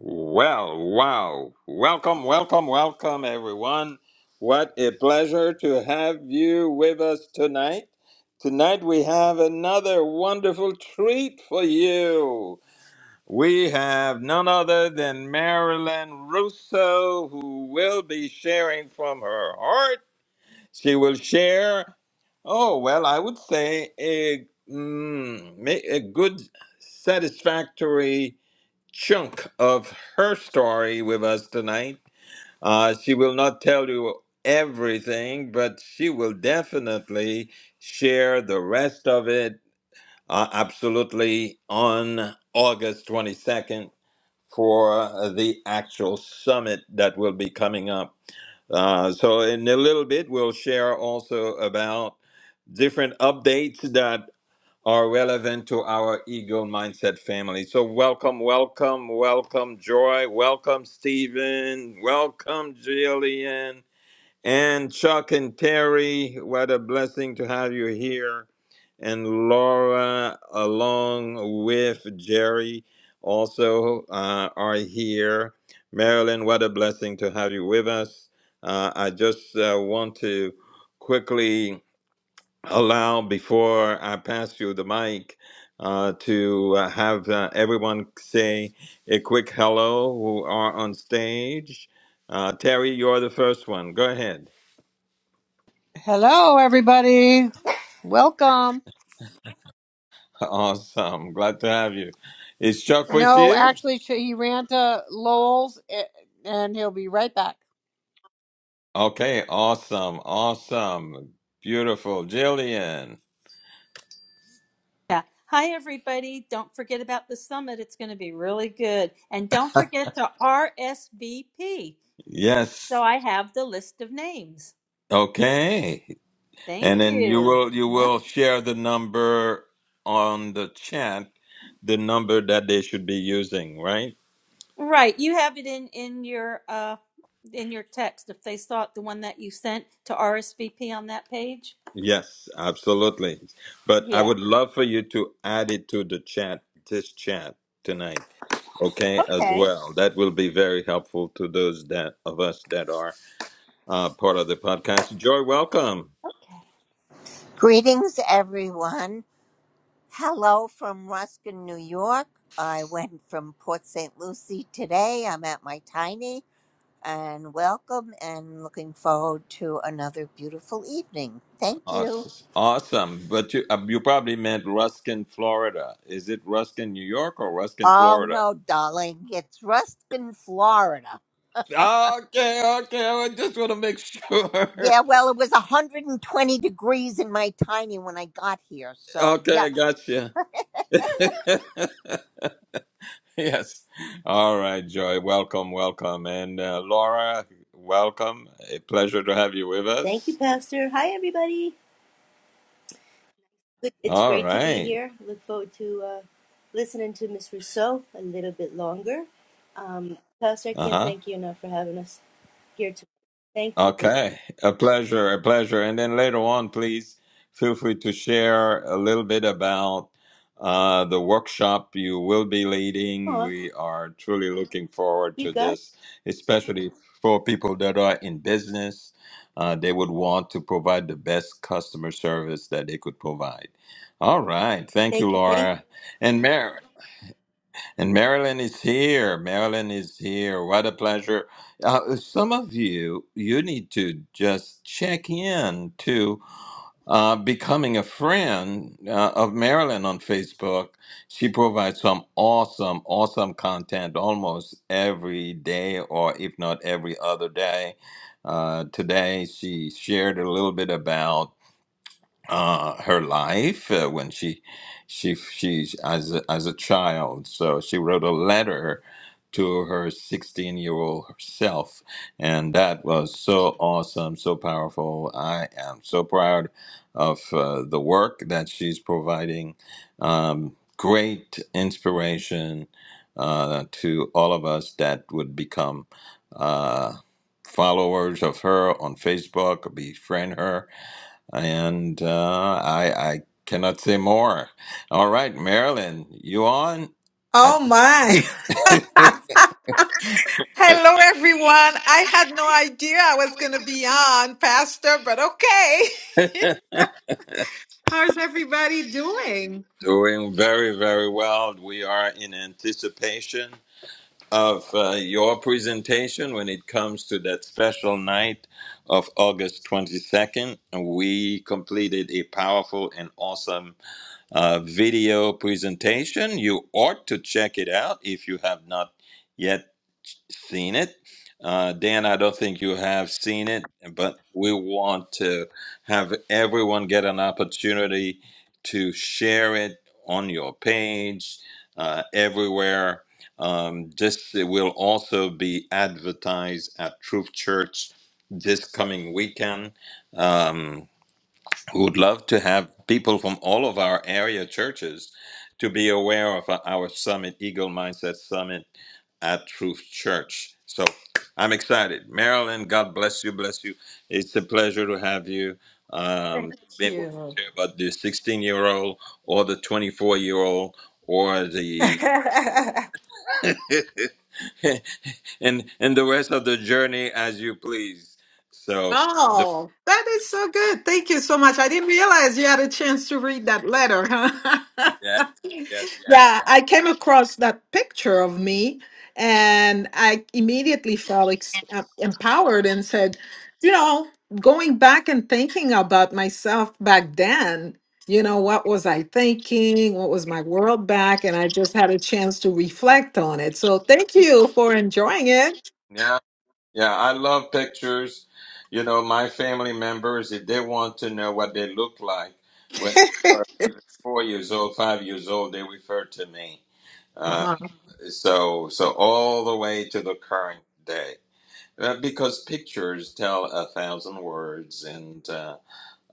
Well, wow. Welcome, welcome, welcome, everyone. What a pleasure to have you with us tonight. Tonight we have another wonderful treat for you. We have none other than Marilyn Russo, who will be sharing from her heart. She will share, oh, well, I would say a, mm, ma- a good, satisfactory chunk of her story with us tonight. Uh, she will not tell you everything, but she will definitely share the rest of it uh, absolutely on August 22nd for uh, the actual summit that will be coming up. Uh, so, in a little bit, we'll share also about different updates are relevant to our ego mindset family. So, welcome, welcome, welcome, Joy. Welcome, Stephen. Welcome, Jillian. And Chuck and Terry, what a blessing to have you here. And Laura, along with Jerry, also uh, are here. Marilyn, what a blessing to have you with us. Uh, I just uh, want to quickly allow before I pass you the mic uh, to uh, have uh, everyone say a quick hello who are on stage. Uh, Terry, you're the first one. Go ahead. Hello, everybody. Welcome. Awesome. Glad to have you. Is Chuck with No, you? actually, he ran to Lowell's, eh, and he'll be right back. Okay. Awesome. Awesome. Beautiful. Jillian. Yeah. Hi, everybody. Don't forget about the summit. It's going to be really good. And don't forget to RSVP. Yes. So I have the list of names. Okay. And Thank then you you. will you Yeah. will share the number on the chat, the number that they should be using, right? Right. You have it in, in your, uh, in your text, if they saw it, the one that you sent to RSVP on that page? Yes, absolutely. But I Yeah. would love for you to add it to the chat, this chat tonight, okay, as Okay. well. That will be very helpful to those that of us that are uh, part of the podcast. Joy, welcome. Okay. Greetings, everyone. Hello from Ruskin, New York. I went from Port St. Lucie today. I'm at my tiny and welcome and looking forward to another beautiful evening. Thank you. Awes- Awesome. But you uh, you probably meant Ruskin, Florida. Is it Ruskin, New York, or Ruskin, Oh, Florida? no, darling. It's Ruskin, Florida. Okay, okay. I just want to make sure. Yeah, well, it was 120 degrees in my tiny when I got here. So, yeah, Okay, gotcha. yes. All right, Joy. Welcome, welcome. And uh, Laura, welcome. A pleasure to have you with Thank you, us. Pastor. Hi, everybody. Good- It's All great to be right. here. Look forward to uh, listening to Miss Rousseau a little bit longer. Um, Pastor, I can't Uh-huh. thank you enough for having us here today. Thank you. Okay, a pleasure, a pleasure. And then later on, please feel free to share a little bit about uh, the workshop you will be leading. Aw, We are truly looking forward you to got it. this, especially for people that are in business. Uh, they would want to provide the best customer service that they could provide. All right, thank you, Thank you. Thank you. Laura and Mary. And Marilyn is here. Marilyn is here. What a pleasure. Uh, some of you, you need to just check in to uh, becoming a friend uh, of Marilyn on Facebook. She provides some awesome, awesome content almost every day, or if not every other day. Uh, today, she shared a little bit about uh, her life uh, when she she she as a, as a child. So she wrote a letter to her 16 year old self, and that was so awesome, so powerful. I am so proud of uh, the work that she's providing. Um, great inspiration uh, to all of us that would become. Uh, followers of her on facebook befriend her and uh, I, I cannot say more. All right, Marilyn, you on? I- Oh my. Hello, everyone. I had no idea I was going to be on, Pastor, but okay. How's everybody doing? Doing very, very well. We are in anticipation of uh, your presentation when it comes to that special night of August 22nd. We completed a powerful and awesome uh, video presentation. You ought to check it out if you have not yet seen it. Uh, Dan, I don't think you have seen it, but we want to have everyone get an opportunity to share it on your page, uh, everywhere. Um, this will also be advertised at Truth Church this coming weekend. Um, we would love to have people from all of our area churches to be aware of our summit, Eagle Mindset Summit at Truth Church. So I'm excited. Marilyn, God bless you, bless you. It's a pleasure to have you. Um, been Cute. wanting to hear about the 16 year old or the 24 year old or the and and the rest of the journey as you please. So the oh, that is so good. Thank you so much. I didn't realize you had a chance to read that letter, huh? yes, yes, Yeah, I came across that picture of me and I immediately felt ex- uh, empowered and said, you know, going back and thinking about myself back then, you know, what was I thinking? What was my world back? And I just had a chance to reflect on it. So thank you for enjoying it. yes. Yeah, I love pictures. You know, my family members, if they want to know what they look like when they are four years old, five years old, they refer to me. Uh, Uh-huh, so, so all the way to the current day, uh, because pictures tell a thousand words, and uh,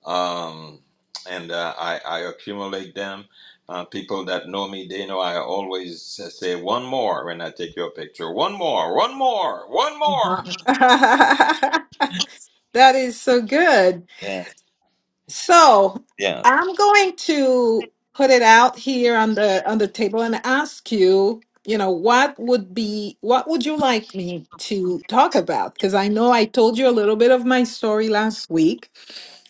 um, and uh, I, I accumulate them. Uh, people that know me, they know I always say one more when I take your picture. One more, one more, one more. uh-huh. that is so good. Yeah, So yeah. I'm going to put it out here on the on the table and ask you, you know, what would be what would you like me to talk about? Because I know I told you a little bit of my story last week.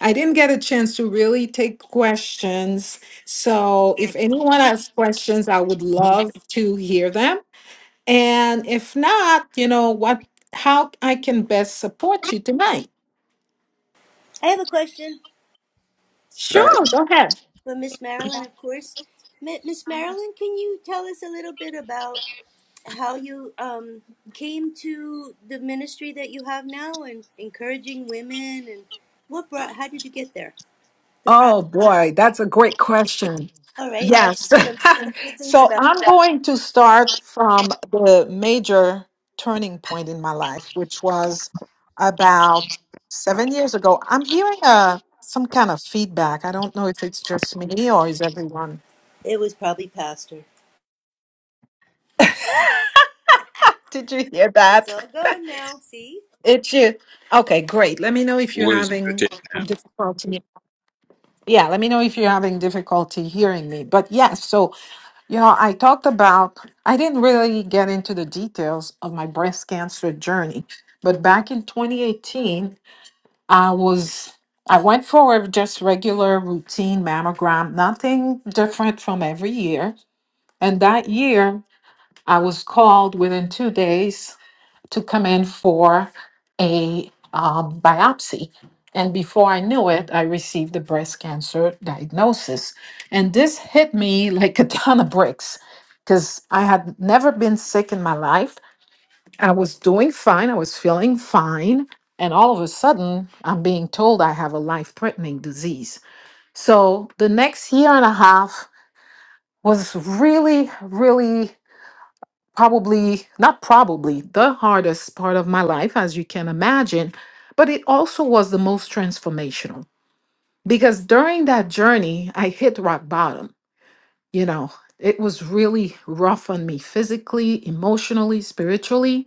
I didn't get a chance to really take questions. So if anyone has questions, I would love to hear them. And if not, you know, what how I can best support you tonight. I have a question Sure, go ahead. for Miss Marilyn, of course. Mi- Miss Marilyn, can you tell us a little bit about how you um, came to the ministry that you have now and encouraging women and what brought, how did you get there? The Oh boy, that's a great question. All right, I'll give Yes. you some something to think so about. I'm going to start from the major turning point in my life, which was about seven years ago. I'm hearing uh, some kind of feedback. I don't know if it's just me or is everyone. It was probably Pastor. Did you hear It's that? all gone now. See, It's you. Okay, great. Let me know if you're who is having written difficulty. Yeah, let me know if you're having difficulty hearing me. But yes, so You know, I talked about, I didn't really get into the details of my breast cancer journey, but back in 2018, I was, I went for a just regular routine mammogram, nothing different from every year. And that year, I was called within two days to come in for a um, biopsy. And before I knew it, I received the breast cancer diagnosis. And this hit me like a ton of bricks because I had never been sick in my life. I was doing fine, I was feeling fine. And all of a sudden, I'm being told I have a life threatening disease. So the next year and a half was really, really probably not probably the hardest part of my life as you can imagine but it also was the most transformational because during that journey i hit rock bottom you know it was really rough on me physically emotionally spiritually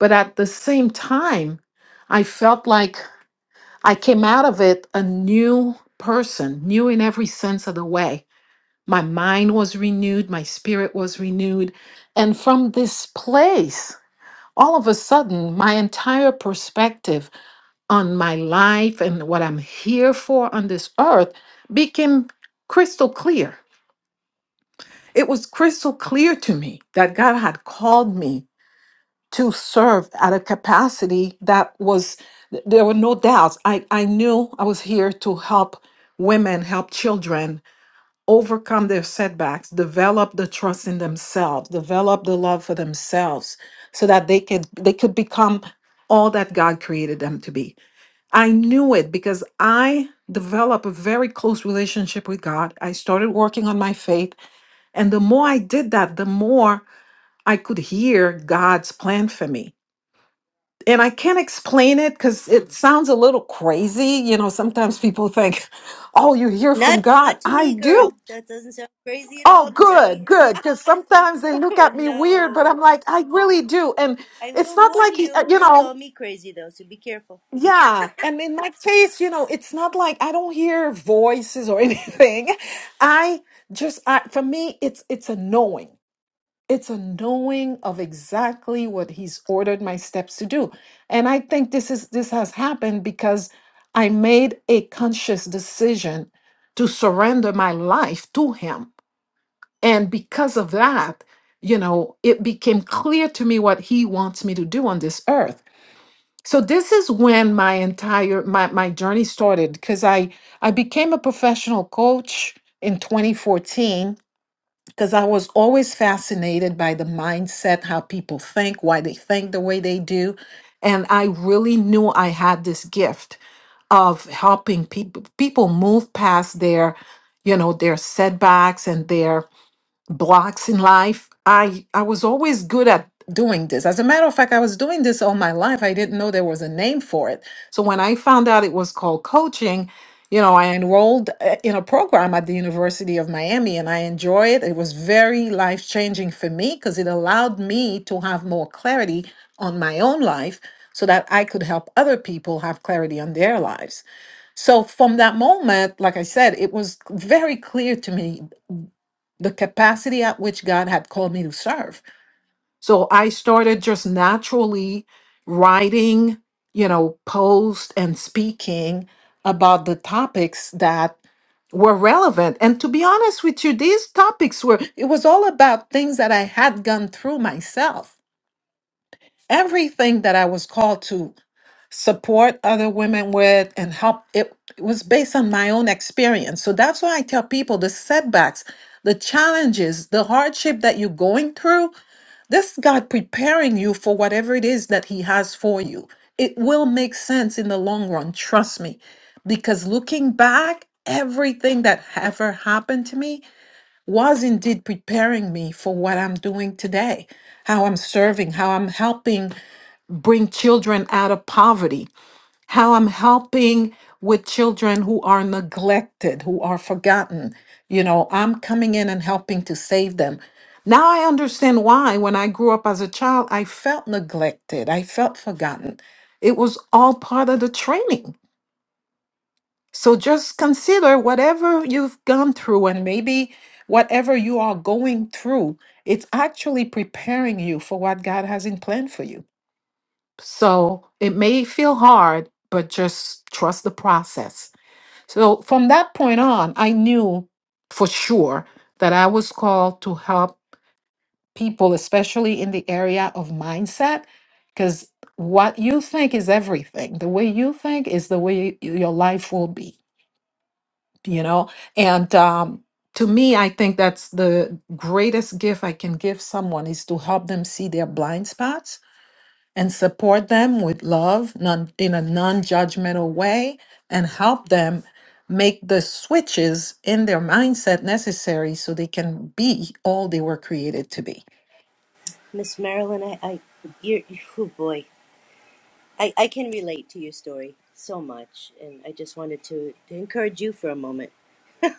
but at the same time i felt like i came out of it a new person new in every sense of the way my mind was renewed my spirit was renewed and from this place all of a sudden, my entire perspective on my life and what I'm here for on this earth became crystal clear. It was crystal clear to me that God had called me to serve at a capacity that was, there were no doubts. I, I knew I was here to help women, help children, overcome their setbacks, develop the trust in themselves, develop the love for themselves so that they can they could become all that God created them to be. I knew it because I developed a very close relationship with God. I started working on my faith, and the more I did that, the more I could hear God's plan for me. And I can't explain it because it sounds a little crazy. You know, sometimes people think, oh, you hear from not God. not to I me, do. girl. That doesn't sound crazy at Oh, all to me. good, good. Because sometimes they look Oh at me weird, but no! I'm like, I really do. And I it's will not warn like, he- uh, you. you They call know, me crazy though, so be careful, yeah. And in my case, you know, it's not like I don't hear voices or anything. I just, I, for me, it's it's a knowing. It's a knowing of exactly what he's ordered my steps to do. And I think this is this has happened because I made a conscious decision to surrender my life to him and because of that, you know, it became clear to me what he wants me to do on this earth. So this is when my entire my my journey started because I I became a professional coach in 2014 because I was always fascinated by the mindset, how people think, why they think the way they do, and I really knew I had this gift of helping people people move past their, you know, their setbacks and their blocks in life i i was always good at doing this as a matter of fact i was doing this all my life i didn't know there was a name for it so when i found out it was called coaching you know i enrolled uh, in a program at the university of miami and i enjoy it it was very life changing for me because it allowed me to have more clarity on my own life so that i could help other people have clarity on their lives so from that moment like i said it was very clear to me the capacity at which God had called me to serve. So I started just naturally writing, you know, posts and speaking about the topics that were relevant. And to be honest with you, these topics were, it was all about things that I had gone through myself. Everything that I was called to support other women with and help it, it was based on my own experience so that's why i tell people the setbacks the challenges the hardship that you're going through this is god preparing you for whatever it is that he has for you it will make sense in the long run trust me because looking back everything that ever happened to me was indeed preparing me for what i'm doing today how i'm serving how i'm helping bring children out of poverty how I'm helping with children who are neglected, who are forgotten. You know, I'm coming in and helping to save them. Now I understand why when I grew up as a child, I felt neglected, I felt forgotten. It was all part of the training. So just consider whatever you've gone through and maybe whatever you are going through, it's actually preparing you for what God has in plan for you. So it may feel hard, but just trust the process. So from that point on, I knew for sure that I was called to help people, especially in the area of mindset, because what you think is everything. The way you think is the way y- your life will be, you know? And um, to me, I think that's the greatest gift I can give someone is to help them see their blind spots and support them with love non, in a non judgmental way and help them make the switches in their mindset necessary so they can be all they were created to be. Miss Marilyn. I, I, you're, oh boy, I, I can relate to your story so much, and I just wanted to, to encourage you for a moment.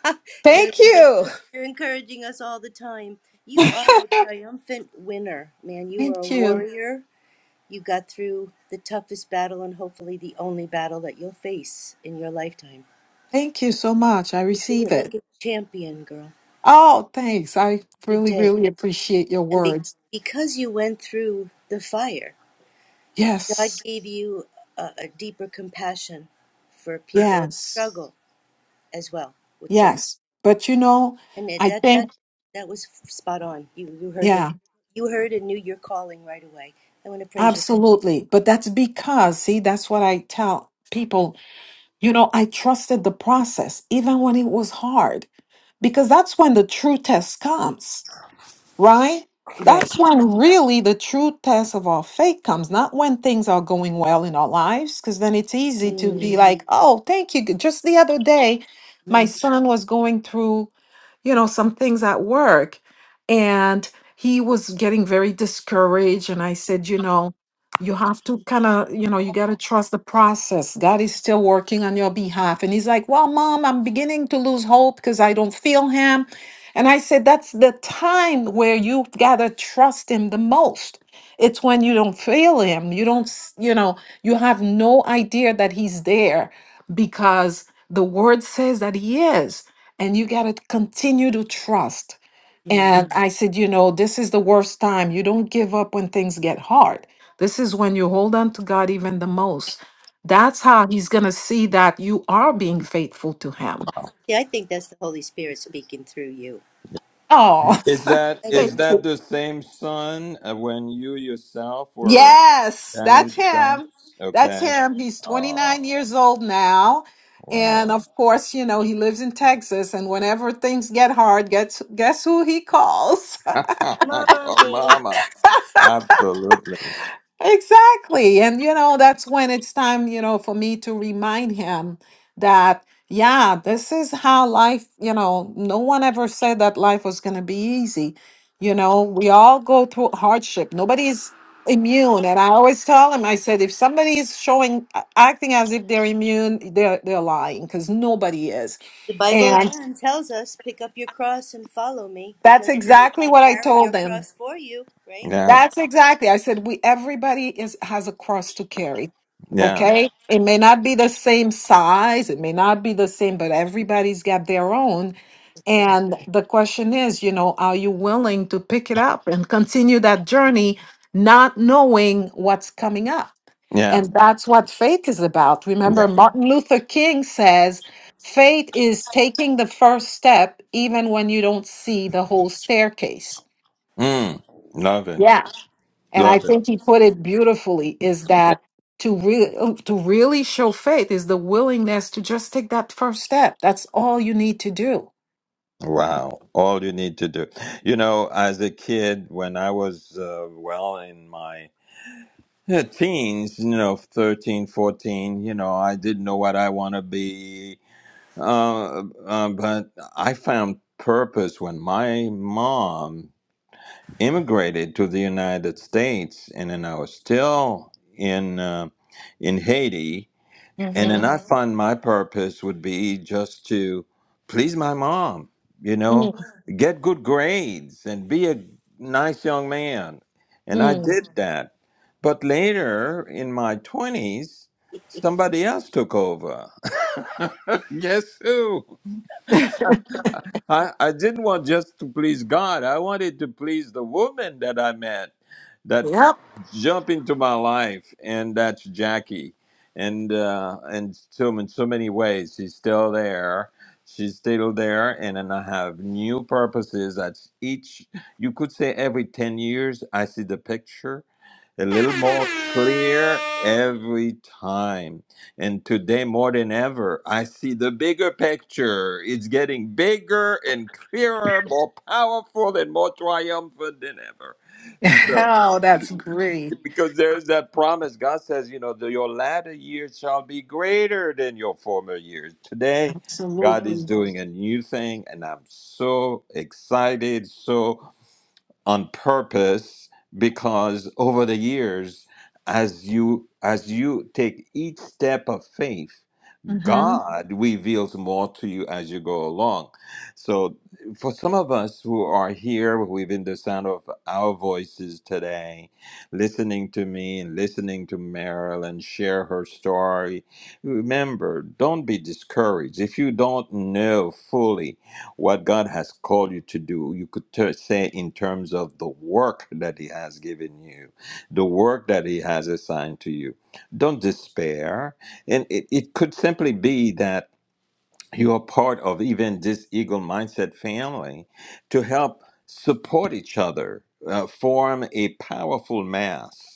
you're Thank you. you're encouraging us all the time. You are a triumphant winner, man. You are Thank a you. warrior You got through the toughest battle and hopefully the only battle that you'll face in your lifetime. Thank you so much. I You did receive it like it. a champion, girl. Oh, thanks. I You really, did. really appreciate your And be- words. because you went through the fire, God Yes, gave you a, a deeper compassion for people that yes, struggle as well with certain. yes. But you know, And it, I that that think, that was spot on. You you heard the yeah, you heard and knew your calling right away. I want to praise you. absolutely. But that's because, see, that's what I tell people You know, I trusted the process even when it was hard because that's when the true test comes right? Right. That's when really the true test of our faith comes, not when things are going well in our lives, because then it's easy to be Mm, Mhm. like, oh, thank you. Just the other day, my amen. son was going through, you know, some things at work and he was getting very discouraged. And I said, you know, you have to kind of, you know, you got to trust the process. God is still working on your behalf. And he's like, well, mom, I'm beginning to lose hope because I don't feel him. And I said, that's the time where you've got to trust him the most. It's when you don't feel him. You don't, s- you know, you have no idea that he's there because the word says that he is. And you got to continue to trust. Amen. And Mm. I said, you know, this is the worst time. You don't give up when things get hard. This is when you hold on to God even the most. That's how he's going to see that you are being faithful to him. See, I think that's the Holy Spirit speaking through you. Oh, Is that I is do. thanks. that the same son uh, when you yourself were Yes, down in that's the dumps? him. That's Okay. him. He's Oh 29 years old now. wow. And of course, you know, he lives in Texas and whenever things get hard, guess guess who he calls? Come Mommy. mama. Absolutely. Exactly. And, you know, that's when it's time, you know, for me to remind him that, yeah, this is how life, you know, no one ever said that life was going to be easy. You know, we all go through hardship. Nobody's immune. And I always tell him, I said, if somebody is showing, a- acting as if they're immune, they're, they're lying because nobody is. The Bible And again tells us, pick up your cross and follow me. It that's doesn't say, exactly I'll what I carry your told them. cross for you, right? Yeah. That's exactly. I said we everybody is has a cross to carry. Yeah. Okay? It may not be the same size, it may not be the same, but everybody's got their own. That's right. And the question is, you know, are you willing to pick it up and continue that journey not knowing what's coming up? Yeah. And that's what faith is about. Yeah. Remember Martin Luther King says, faith is taking the first step even when you don't see the whole staircase Mm. Love it. and I Love it. think he put it beautifully is that to re- oh, to really show faith is the willingness to just take that first step. That's all you need to do. Wow. All you need to do. You know, as a kid, when I was, uh, well, in my uh, teens, you know, 13, 14, you know, I didn't know what I want to be. Uh, uh, but I found purpose when my mom immigrated to the United States, and then I was still in uh, in Haiti, and then Mm-hmm. I Mm-hmm. found my purpose would be just to please my mom, you know, Mm-hmm. get good grades and be a nice young man, and I Mm. did Mhm. that. But later in my twenties, somebody else took over. Guess who? I, I didn't want just to please God. I wanted to please the woman that I met that Yep. jumped into my life, and that's Jackie. And uh, and so in so many ways, she's still there. She's still there, and then I have new purposes. That's each you could say every ten years I see the picture, a little more clear every time. And today, more than ever, I see the bigger picture. It's getting bigger and clearer, more powerful, and more triumphant than ever. So, Oh, that's great. because there's that promise, God says, you know, the, your latter years shall be greater than your former years. Today, God is Absolutely. doing a new thing, and I'm so excited, so on purpose because over the years as you as you take each step of faith Mm-hmm. God reveals more to you as you go along. So, for some of us who are here within the sound of our voices today, listening to me and listening to Marilyn share her story, remember, don't be discouraged. If you don't know fully what God has called you to do, you could ter- say in terms of the work that He has given you, the work that He has assigned to you. Don't despair and it, it could simply be that you're part of even this Eagle Mindset family to help support each other, uh, form a powerful mass.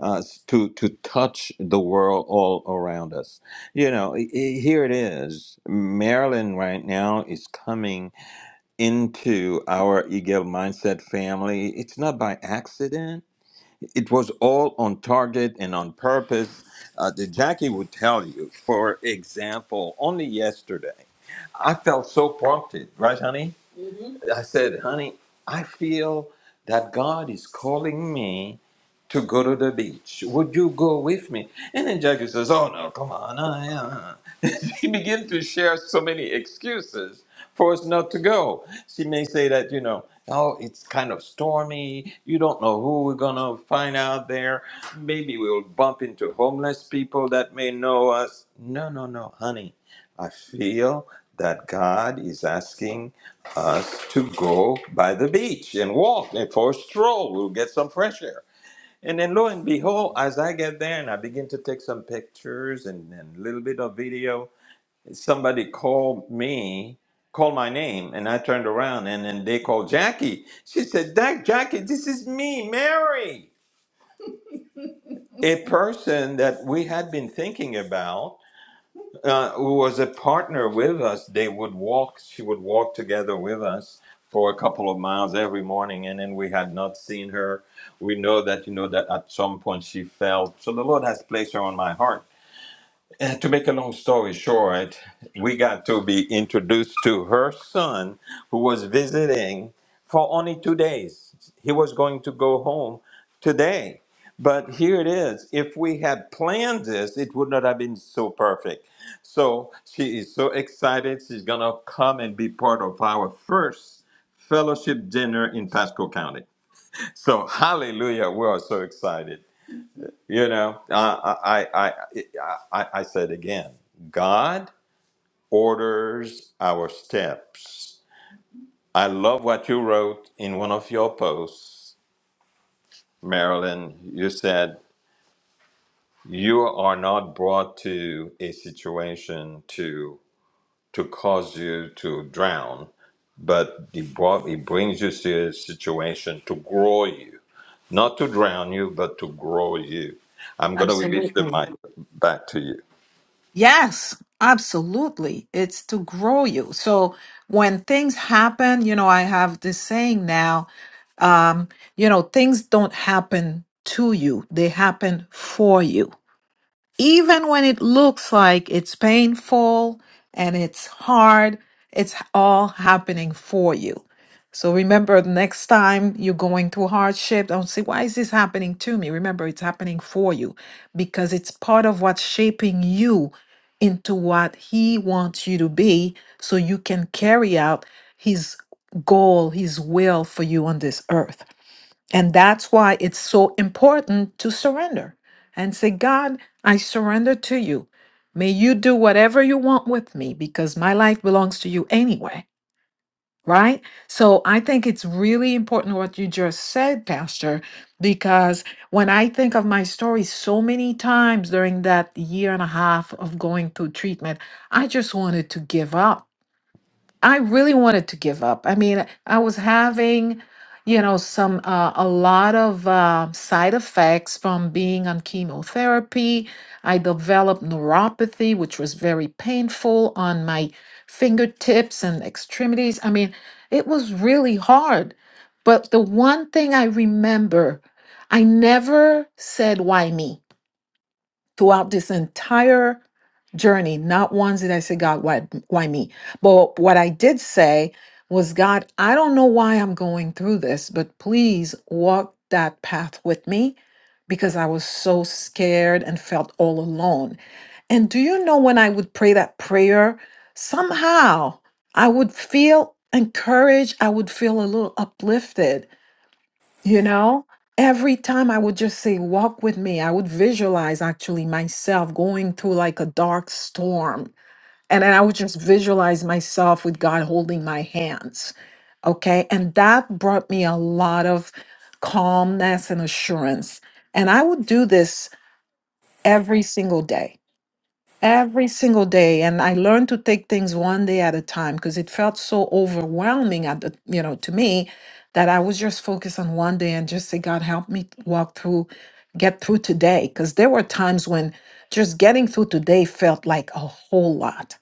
Uh, to to touch the world all around us, you know. i- i- Here it is. Maryland right now is coming into our Eagle Mindset family. It's not by accident it was all on target and on purpose. Uh, the Jackie would tell you, for example, only yesterday, I felt so prompted, right, honey? I said, honey, I feel that God is calling me to go to the beach. Would you go with me? And then Jackie says, oh, no, come on. I, uh. she began to share so many excuses for us not to go. She may say that, you know, oh, it's kind of stormy. You don't know who we're going to find out there. Maybe we'll bump into homeless people that may know us. No, no, no, honey. I feel that God is asking us to go by the beach and walk and for a stroll. We'll get some fresh air. And then lo and behold, as I get there and I begin to take some pictures and, and a little bit of video, somebody called me, called my name, and I turned around and then they called Jackie. She said, Dak, Jackie, this is me, Mary. A person that we had been thinking about uh, who was a partner with us, they would walk. She would walk together with us for a couple of miles every morning, and then we had not seen her. We know that you know that at some point she fell. So the Lord has placed her on my heart and to make a long story short, we got to be introduced to her son who was visiting for only two days. He was going to go home today. But here it is. If we had planned this, it would not have been so perfect. So she is so excited. She's going to come and be part of our first fellowship dinner in Pasco County. So, hallelujah. We are so excited. You know, I I I I, I said again, God orders our steps. I love what you wrote in one of your posts, Marilyn. You said you are not brought to a situation to to cause you to drown, but he brought he brings you to a situation to grow you, not to drown you, but to grow you. I'm gonna release the Absolutely. mic back to you. Yes, absolutely. It's to grow you. So when things happen, you know, I have this saying now, um, you know, things don't happen to you, they happen for you. even when it looks like it's painful and it's hard, it's all happening for you. So remember, the next time you're going through hardship, don't say, Why is this happening to me? Remember, it's happening for you because it's part of what's shaping you into what He wants you to be so you can carry out His goal, His will for you on this earth. And that's why it's so important to surrender and say, God, I surrender to you. May you do whatever you want with me because my life belongs to you anyway. Right? So I think it's really important what you just said, Pastor, because when I think of my story so many times during that year and a half of going through treatment, I just wanted to give up. I really wanted to give up. I mean, I was having, you know, some uh, a lot of uh, side effects from being on chemotherapy. I developed neuropathy, which was very painful on my fingertips and extremities. I mean, it was really hard. But the one thing I remember, I never said, why me? throughout this entire journey, not once did I say, God, why, why me? But what I did say was, God, I don't know why I'm going through this, but please walk that path with me because I was so scared and felt all alone. And do you know when I would pray that prayer, somehow I would feel encouraged, I would feel a little uplifted. You know, every time I would just say, Walk with me, I would visualize actually myself going through like a dark storm. And then I would just visualize myself with God holding my hands. Okay. And that brought me a lot of calmness and assurance. And I would do this every single day every single day and i learned to take things one day at a time because it felt so overwhelming at the you know to me that i was just focused on one day and just say god help me walk through get through today because there were times when just getting through today felt like a whole lot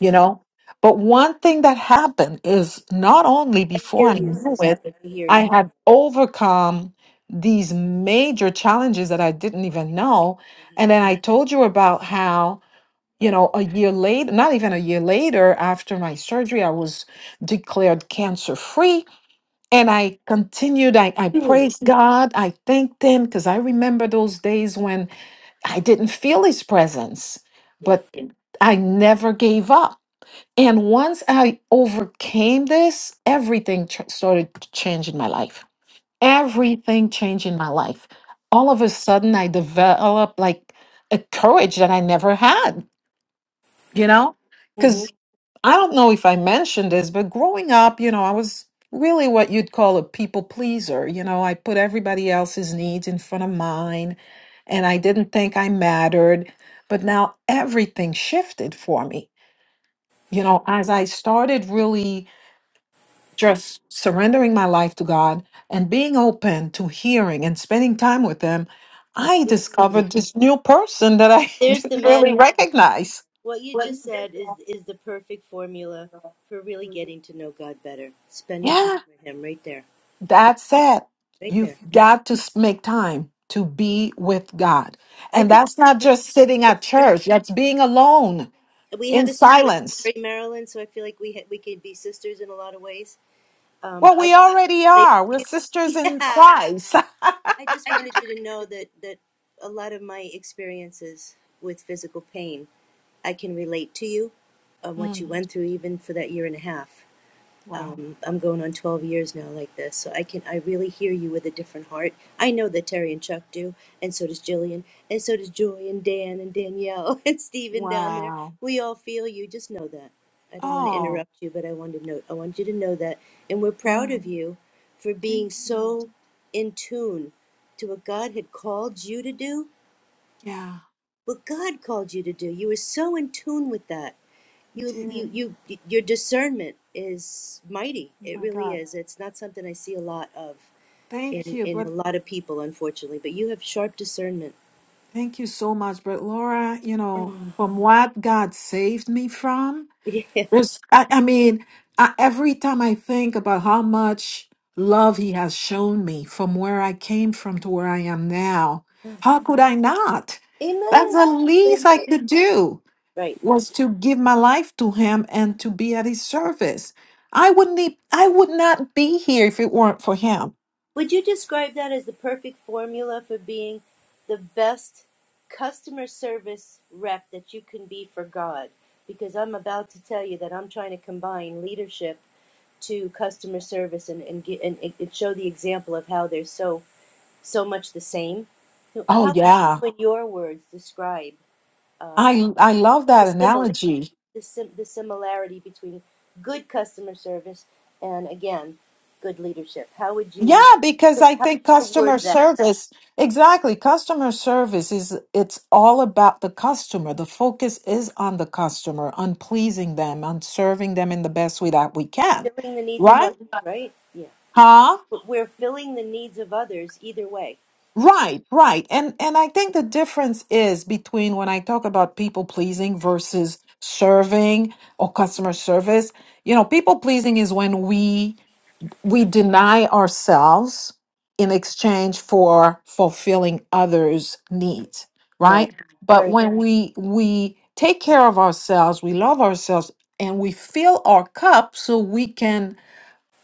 you know but one thing that happened is not only I before hear i you, knew sister. it I hear i you. had overcome these major challenges that i didn't even know and then i told you about how you know, a year later, not even a year later, after my surgery, I was declared cancer free. And I continued, I, I Ooh, praised God, I thanked Him, because I remember those days when I didn't feel His presence, Yeah. but Yeah. I never gave up. And once I overcame this, everything ch- started to change in my life. Everything changed in my life. All of a sudden, I developed like a courage that I never had you know? hmm Because I don't know if I mentioned this, but growing up, you know, I was really what you'd call a people pleaser. You know, I put everybody else's needs in front of mine and I didn't think I mattered. But now everything shifted for me. You know, as I started really just surrendering my life to God and being open to hearing and spending time with Him, I discovered this new person that I There's the didn't magic. really recognize. What you just said is, is the perfect formula for really getting to know God better. Spending time Yeah, with Him right there. that's it. Right You've there. got to s- make time to be with God. I And feel that's like you not and I just can sitting at be sisters. church, that's being alone We have in a similar silence. story, Marilyn, so I feel like we, ha- we can be sisters in a lot of ways Um, Well, I we can already relate are. We're to you. sisters in Yeah. Christ. I just wanted you to know that, that a lot of my experiences with physical pain, I can relate to you on what you Mm, went through, even for that year and a half wow. um, I'm going on 12 years now like this, so I can I really hear you with a different heart. I know that Terry and Chuck do, and so does Jillian, and so does Joy and Dan and Danielle and Stephen down there. Wow. We all feel you. Just know that. I didn't want to Oh, interrupt you, but I wanted to know. I want you to know that, and we're proud yeah. of you for being Thank you. so in tune to what God had called you to do. Yeah, What God called you to do. You were so in tune with that you dear. you Oh you your discernment is mighty it my really God. is it's not something i see a lot of Thank in you. in a But lot of people unfortunately but you have sharp discernment thank you so much. But Laura, you know, Mm. from what God saved me from, yeah. There's, I, I mean, I, every time I think about how much love he has shown me from where I came from to where I am now, how could I not? That's amen the Amen. least I could do right was to give my life to him and to be at his service. I wouldn't, e- I would not be here if it weren't for him. would you describe that as the perfect formula for being the best customer service rep that you can be for god because i'm about to tell you that i'm trying to combine leadership to customer service and and, get, and, and show the example of how they're so so much the same. So Oh How would yeah, you, in your words, describe um, I I love the that simile, analogy. the, sim- the similarity between good customer service and, again, good leadership? How would Yeah, you, because I how think would you customer word that? service, exactly. Customer service is it's all about the customer. The focus is on the customer, on pleasing them, on serving them in the best way that we can. Filling the needs of others, Right? right? Yeah, Huh? but we're filling the needs of others either way. Right, right. And and I think the difference is between when I talk about people pleasing versus serving or customer service. You know, people pleasing is when we we deny ourselves in exchange for fulfilling others' needs, Nice, right? Mhm. But very when we we take care of ourselves, we love ourselves and we fill our cup so we can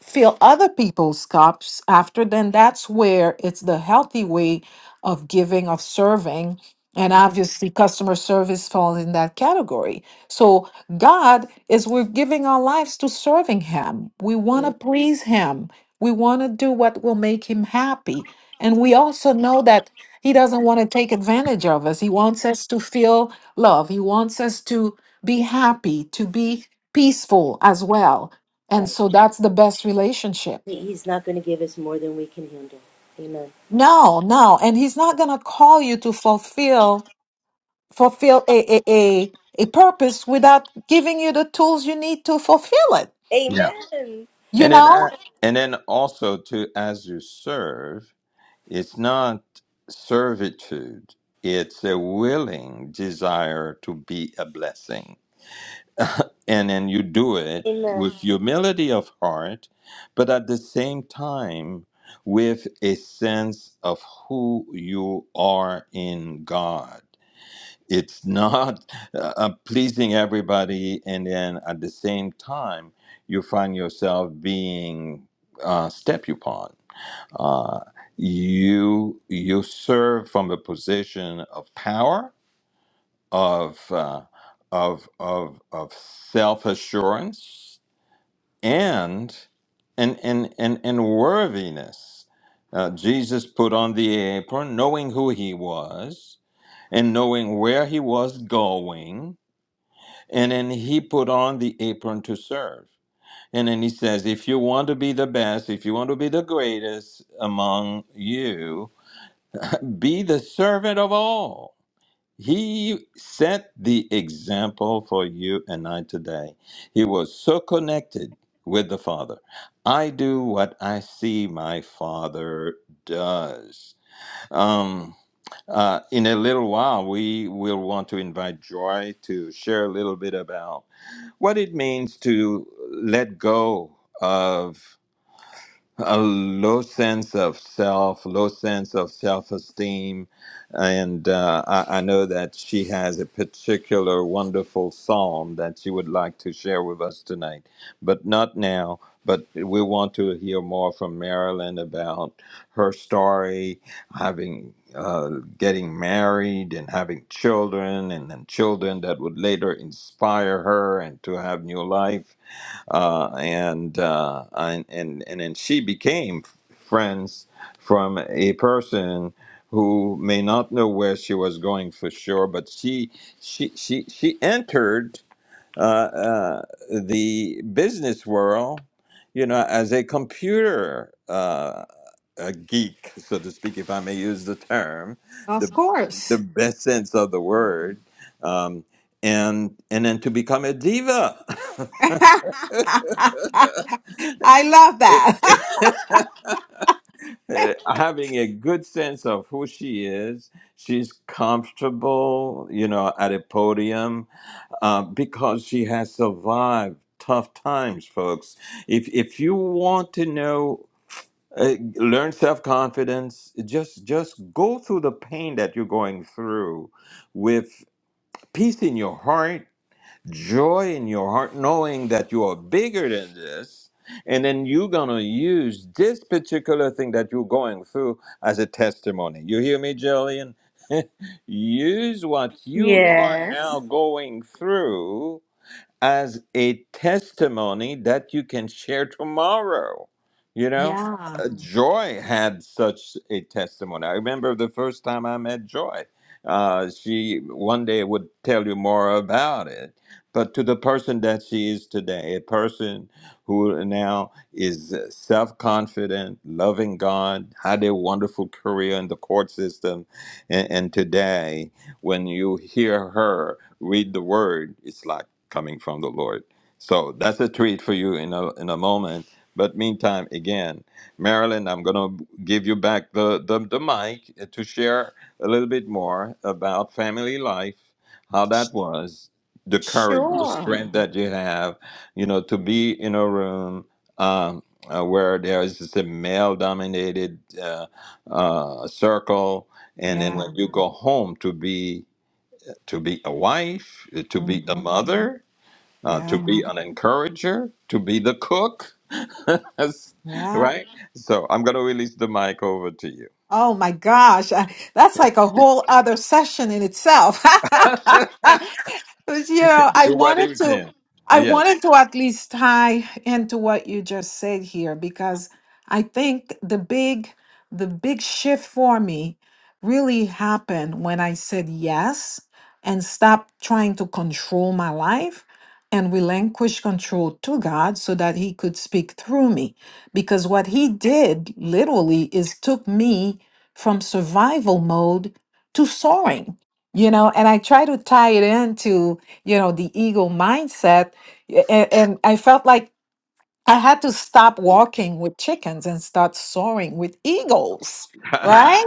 fill other people's cups after, then that's where it's the healthy way of giving, of serving. And obviously, customer service falls in that category. So, God is we're giving our lives to serving Him. We want to please Him. We want to do what will make Him happy. And we also know that He doesn't want to take advantage of us. He wants us to feel love. He wants us to be happy, to be peaceful as well and right. so that's the best relationship. He- He's not going to give us more than we can handle. Amen. No, no. And he's not gonna call you to fulfill fulfill a a, a, a purpose without giving you the tools you need to fulfill it. Yeah. Amen. You And then, know? uh, and then also to as you serve, it's not servitude; it's a willing desire to be a blessing. And then you do it with Amen. humility of heart, but at the same time with a sense of who you are in God it's not uh, uh, pleasing everybody and then at the same time you find yourself being uh, stepped upon uh, you you serve from a position of power of uh, of of of self-assurance and and and and, and worthiness uh, jesus put on the apron knowing who he was and knowing where he was going and then he put on the apron to serve. And then he says, if you want to be the best, if you want to be the greatest among you, be the servant of all. He set the example for you and I today. He was so connected with the Father. I do what I see my Father does. Um, uh, in a little while, we will want to invite Joy to share a little bit about what it means to let go of a low sense of self, low sense of self-esteem, and uh, I, I know that she has a particular wonderful psalm that she would like to share with us tonight, but not now. But we want to hear more from Marilyn about her story, having uh, getting married and having children, and then children that would later inspire her and to have new life uh, and, uh, and and and then she became friends from a person who may not know where she was going for sure, but she she she she entered uh, uh, the business world, you know, as a computer uh, a geek, so to speak, if I may use the term, the Of the course. best sense of the word. Um, and and then to become a diva. I love It- that. uh, having a good sense of who she is. She's comfortable, you know, at a podium uh, because she has survived tough times, folks. If if you want to know. Uh, learn self-confidence just just go through the pain that you're going through with peace in your heart joy in your heart, knowing that you are bigger than this. And then you're going to use this particular thing that you're going through as a testimony. You hear me, Jillian? use what you are Yes. now going through as a testimony that you can share tomorrow. You know, yeah. Uh, Joy had such a testimony. I remember the first time I met Joy. Uh, she one day would tell you more about it, but to the person that she is today, a person who now is self confident, loving God, had a wonderful career in the court system, and, and today, when you hear her read the word, it's like coming from the Lord. So that's a treat for you in a in a moment. But meantime, again, Marilyn, I'm gonna give you back the the, the mic to share a little bit more about family life, how that was, the courage, the Sure. strength that you have, you know, to be in a room um, uh, where there is just a male-dominated uh, uh, circle, and then Yeah. when you go home to be to be a wife, to be a hmm mother uh, to Yeah. be an encourager, to be the cook, Yeah. right? So I'm going to release the mic over to you. Oh my gosh, I- that's like a whole other session in itself. But, you know, I Do what wanted you to, can. I Yes. wanted to at least tie into what you just said here because I think the big, the big shift for me really happened when I said yes and stopped trying to control my life and relinquish control to God so that He could speak through me. Because what He did literally is took me from survival mode to soaring you know and i try to tie it into you know the ego mindset and, and i felt like I had to stop walking with chickens and start soaring with eagles, I right?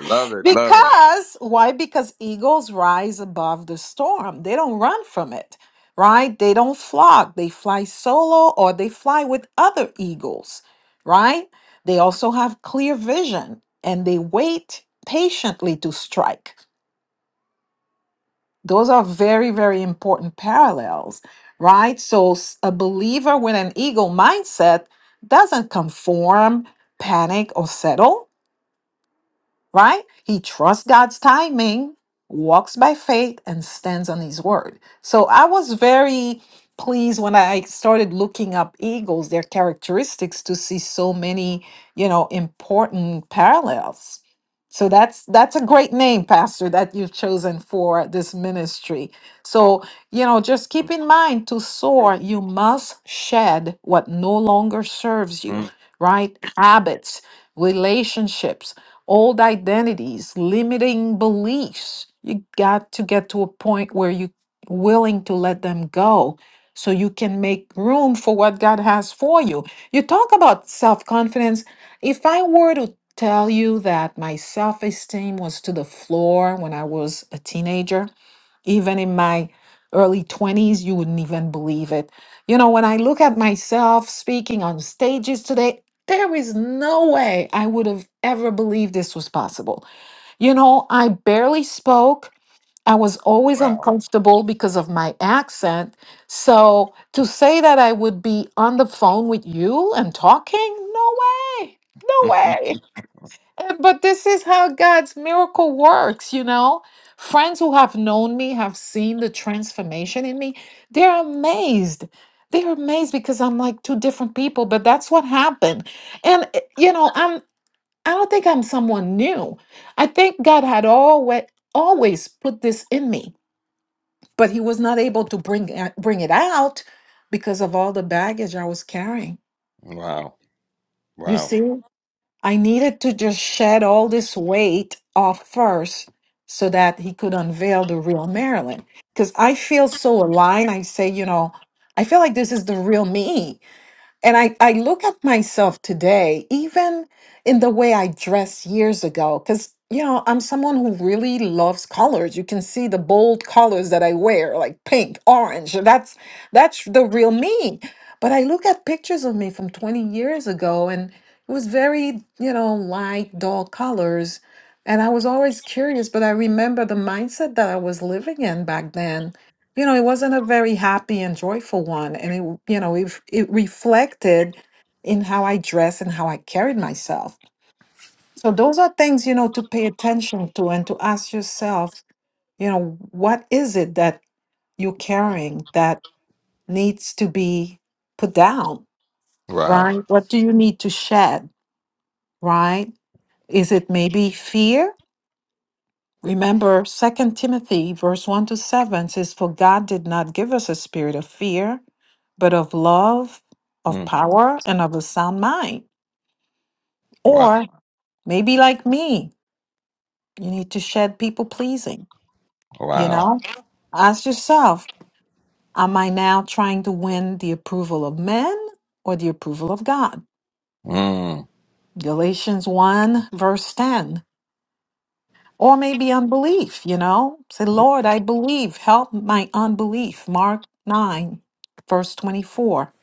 love it. Love it. because why? Because eagles rise above the storm. They don't run from it, right? They don't flock. They fly solo or they fly with other eagles, right? They also have clear vision and they wait patiently to strike those are very, very important parallels, right? So s- a believer with an ego mindset doesn't conform, panic, or settle right? He trusts God's timing, walks by faith, and stands on his word. So I was very pleased when I started looking up eagles, their characteristics, to see so many, you know, important parallels. So that's that's a great name, Pastor, that you've chosen for this ministry. So, you know, just keep in mind to soar, you must shed what no longer serves you, Mm, right? Habits, relationships, old identities, limiting beliefs. You got to get to a point where you're willing to let them go so you can make room for what God has for you. You talk about self confidence. If I were to tell you that my self esteem was to the floor when I was a teenager, even in my early 20s you wouldn't even believe it you know when i look at myself speaking on stages today there is no way i would have ever believed this was possible you know i barely spoke i was always wow. uncomfortable because of my accent so to say that i would be on the phone with you and talking no way no way uh, But this is how God's miracle works, you know? Friends who have known me have seen the transformation in me. They're amazed. They're amazed because I'm like two different people, but that's what happened. And uh, you know, I'm I don't think I'm someone new. I think God had always always put this in me, but he was not able to bring it- bring it out because of all the baggage I was carrying. Wow. You Wow. see? I needed to just shed all this weight off first so that he could unveil the real Marilyn. Because I feel so aligned. I say, you know, I feel like this is the real me. And I, I look at myself today, even in the way I dressed years ago, because, you know, I'm someone who really loves colors. You can see the bold colors that I wear, like pink, orange. That's that's the real me. But I look at pictures of me from 20 years ago, and it was very, you know, light, dull colors. And I was always curious, but I remember the mindset that I was living in back then you know, it wasn't a very happy and joyful one. And it, you know, it, it reflected in how I dressed and how I carried myself. So those are things, you know, to pay attention to and to ask yourself, you know, what is it that you're carrying that needs to be put down, Wow. right? What do you need to shed, right? Is it maybe fear? Remember Second Timothy verse 1 to 7 says, For God did not give us a spirit of fear, but of love, of Mm, power, and of a sound mind. wow. Or maybe like me, you need to shed people pleasing, you Wow. know? Ask yourself, am I now trying to win the approval of men or the approval of God? Mm. Galatians 1 verse 10. Or maybe unbelief, you know? Say, Lord, I believe. Help my unbelief. Mark 9, verse 24.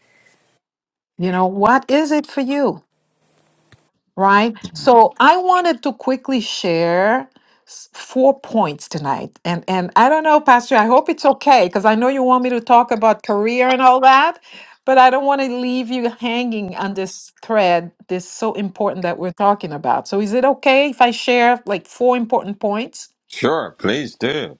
You know, what is it for you? Right? So I wanted to quickly share s- four points tonight. And and I don't know, Pastor, I hope it's okay, because I know you want me to talk about career and all that, but I don't want to leave you hanging on this thread this so important that we're talking about. So is it okay if I share like four important points? Sure. Please do.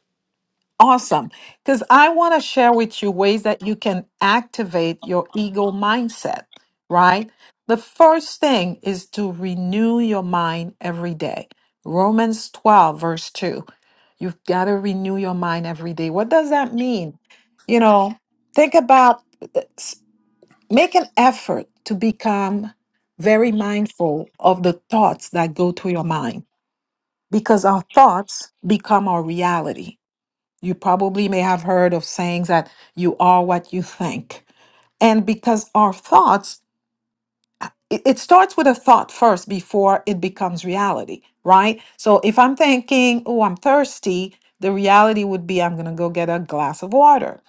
Awesome. Because I want to share with you ways that you can activate your ego mindset, right? The first thing is to renew your mind every day. Romans 12, verse 2. You've got to renew your mind every day. What does that mean? You know, think about uh, s- make an effort to become very mindful of the thoughts that go through your mind because our thoughts become our reality you probably may have heard of sayings that you are what you think. And because our thoughts it it starts with a thought first before it becomes reality, right? So if I'm thinking, oh, I'm thirsty, the reality would be I'm going to go get a glass of water,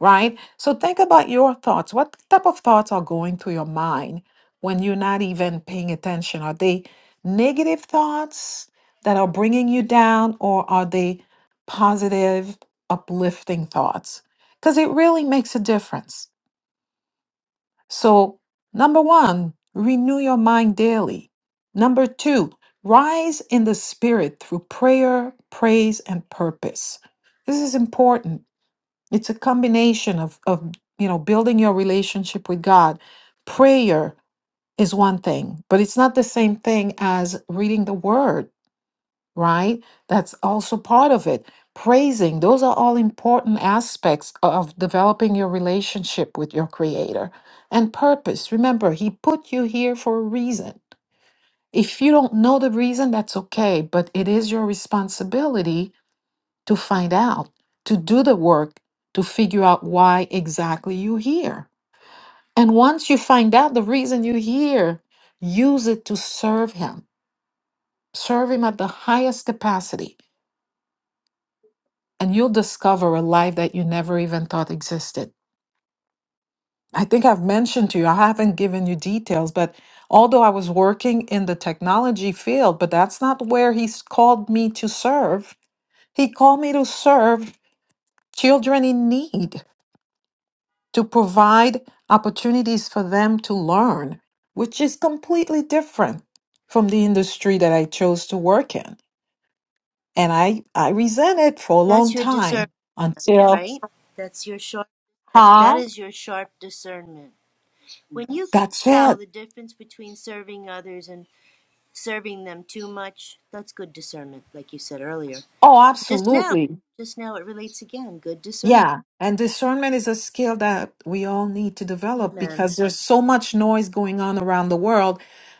right? So think about your thoughts. What type of thoughts are going through your mind when you're not even paying attention? Are they negative thoughts that are bringing you down, or are they positive, uplifting thoughts? Because it really makes a difference so, number one, renew your mind daily. Number two, rise in the spirit through prayer, praise, and purpose. This is important. It's a combination of, of you know building your relationship with God. Prayer is one thing, but it's not the same thing as reading the word right? That's also part of it. Praising, those are all important aspects of developing your relationship with your Creator. And purpose, remember, He put you here for a reason. If you don't know the reason, that's okay, but it is your responsibility to find out, to do the work, to figure out why exactly you're here. And once you find out the reason you're here, use it to serve Him, serve Him at the highest capacity and you'll discover a life that you never even thought existed. I think I've mentioned to you, I haven't given you details, but although I was working in the technology field, but that's not where he's called me to serve. He called me to serve children in need, to provide opportunities for them to learn, which is completely different from the industry that I chose to work in. And I, I resent it for a That's long your discernment. time until, right? That's your sharp that huh? is your sharp discernment. When you can That's it tell the difference between serving others and serving them too much, that's good discernment, like you said earlier. Oh, Just now, absolutely. just now it relates again, good discernment. Yeah. And discernment is a skill that we all need to develop Amen. because there's so much noise going on around the world.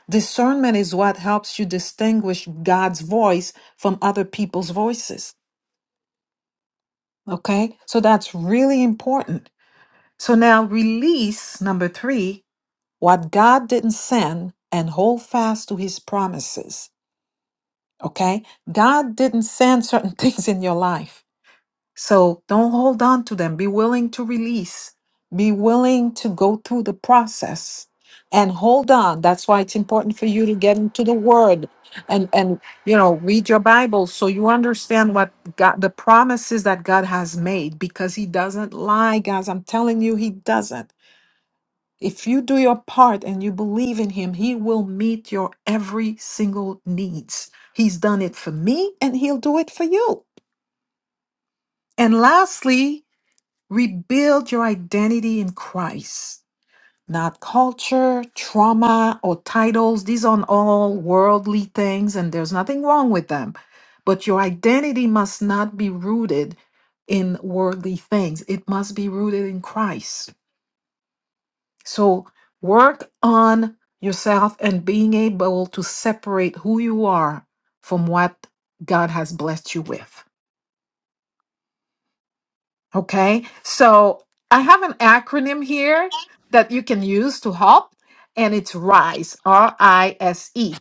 Discernment is what helps you distinguish God's voice from other people's voices. Okay. So that's really important. So now release number three, what God didn't send and hold fast to his promises. Okay. God didn't send certain things in your life So don't hold on to them. Be willing to release. Be willing to go through the process and hold on. That's why it's important for you to get into the word and and you know, read your Bible so you understand what God the promises that God has made because he doesn't lie, guys. I'm telling you he doesn't. If you do your part and you believe in him, he will meet your every single needs. He's done it for me and he'll do it for you. And lastly, Rebuild your identity in Christ, not culture, trauma, or titles. These are all worldly things, and there's nothing wrong with them. But your identity must not be rooted in worldly things, it must be rooted in Christ. So work on yourself and being able to separate who you are from what God has blessed you with. Okay, so I have an acronym here that you can use to help, and it's RISE, R I S E.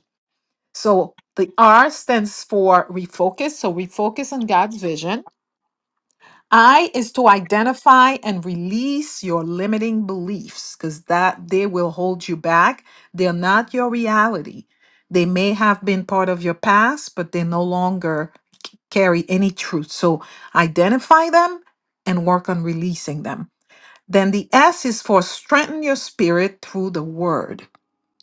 So the R stands for refocus. So refocus on God's vision. I is to identify and release your limiting beliefs because that they will hold you back. They're not your reality. They may have been part of your past, but they no longer c- carry any truth. So identify them and work on releasing them. Then the S is for strengthen your spirit through the word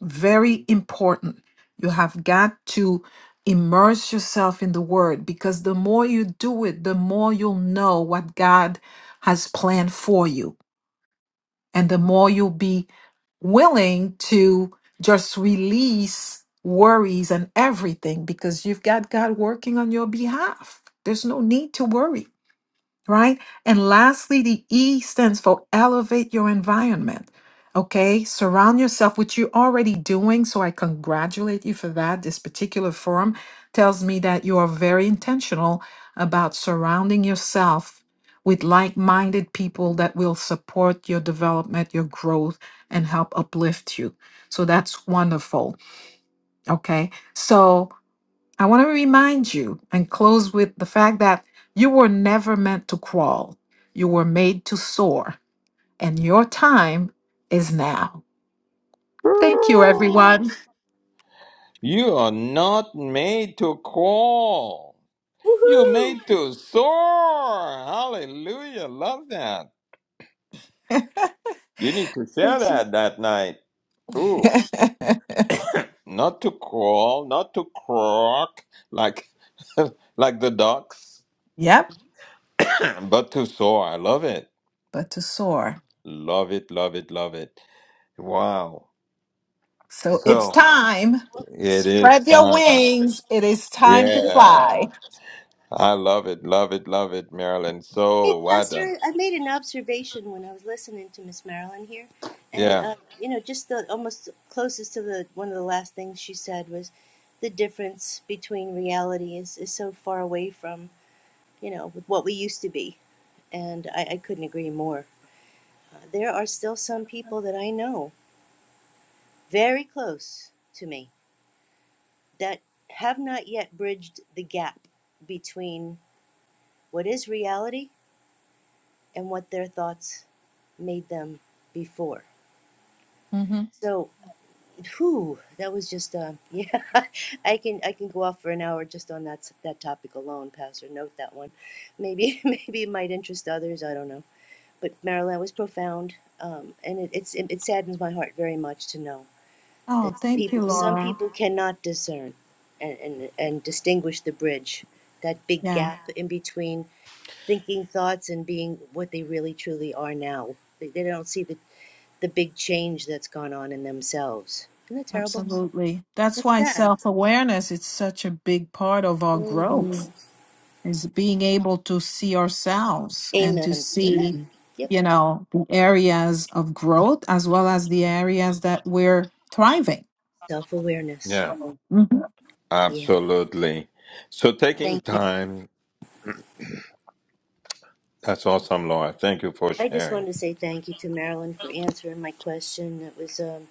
very important. You have got to immerse yourself in the word because the more you do it, the more you'll know what God has planned for you. And the more you'll be willing to just release worries and everything because you've got God working on your behalf. There's no need to worry right? And lastly, the E stands for elevate your environment. Okay, surround yourself, which you're already doing. So I congratulate you for that. This particular forum tells me that you are very intentional about surrounding yourself with like minded people that will support your development, your growth, and help uplift you. So that's wonderful. Okay, so I want to remind you and close with the fact that you were never meant to crawl. You were made to soar, and your time is now. Thank you, everyone. You are not made to crawl. You're Woohoo! made to soar. Hallelujah. Love that. You need to share that that night. Ooh, not to crawl, not to croak like like the ducks, yep, but to soar. I love it. but to soar. Love it, love it, love it. Wow. So it's So time. it is Spread your time. wings. It is time to Yeah. fly. I love it, love it, love it, Marilyn. Hey, So well done. Pastor, I made an observation when I was listening to Miss Marilyn here, and Yeah, uh, you know, just the almost closest to the one of the last things she said was the difference between reality is, is so far away from you know, with what we used to be. And I, I couldn't agree more. Uh, there are still some people that I know very close to me that have not yet bridged the gap between what is reality and what their thoughts made them before. Mm-hmm. So, whew, that was just, uh, yeah, I can I can go off for an hour just on that s- that topic alone, Pastor. Note that one. Maybe maybe it might interest others. I don't know. but Marilyn, was profound, um, and it, it's it, it saddens my heart very much to know that Oh, thank you, people, some Laura. people cannot discern, and and and distinguish the bridge, that big Yeah, gap in between thinking thoughts and being what they really truly are now. They, they don't see the the big change that's gone on in themselves. Isn't that terrible? absolutely. That's That's why sad. self awareness is such a big part of our growth. hmm is being able to see ourselves and to Amen. see Amen. Mhm. Yep. you know the areas of growth as well as the areas that we're thriving Self awareness. yeah, Mhm. Yeah. absolutely. So taking Thank you. time, that's awesome, Laura. Thank you for I just sharing. wanted to say thank you to Marilyn for answering my question. It was um,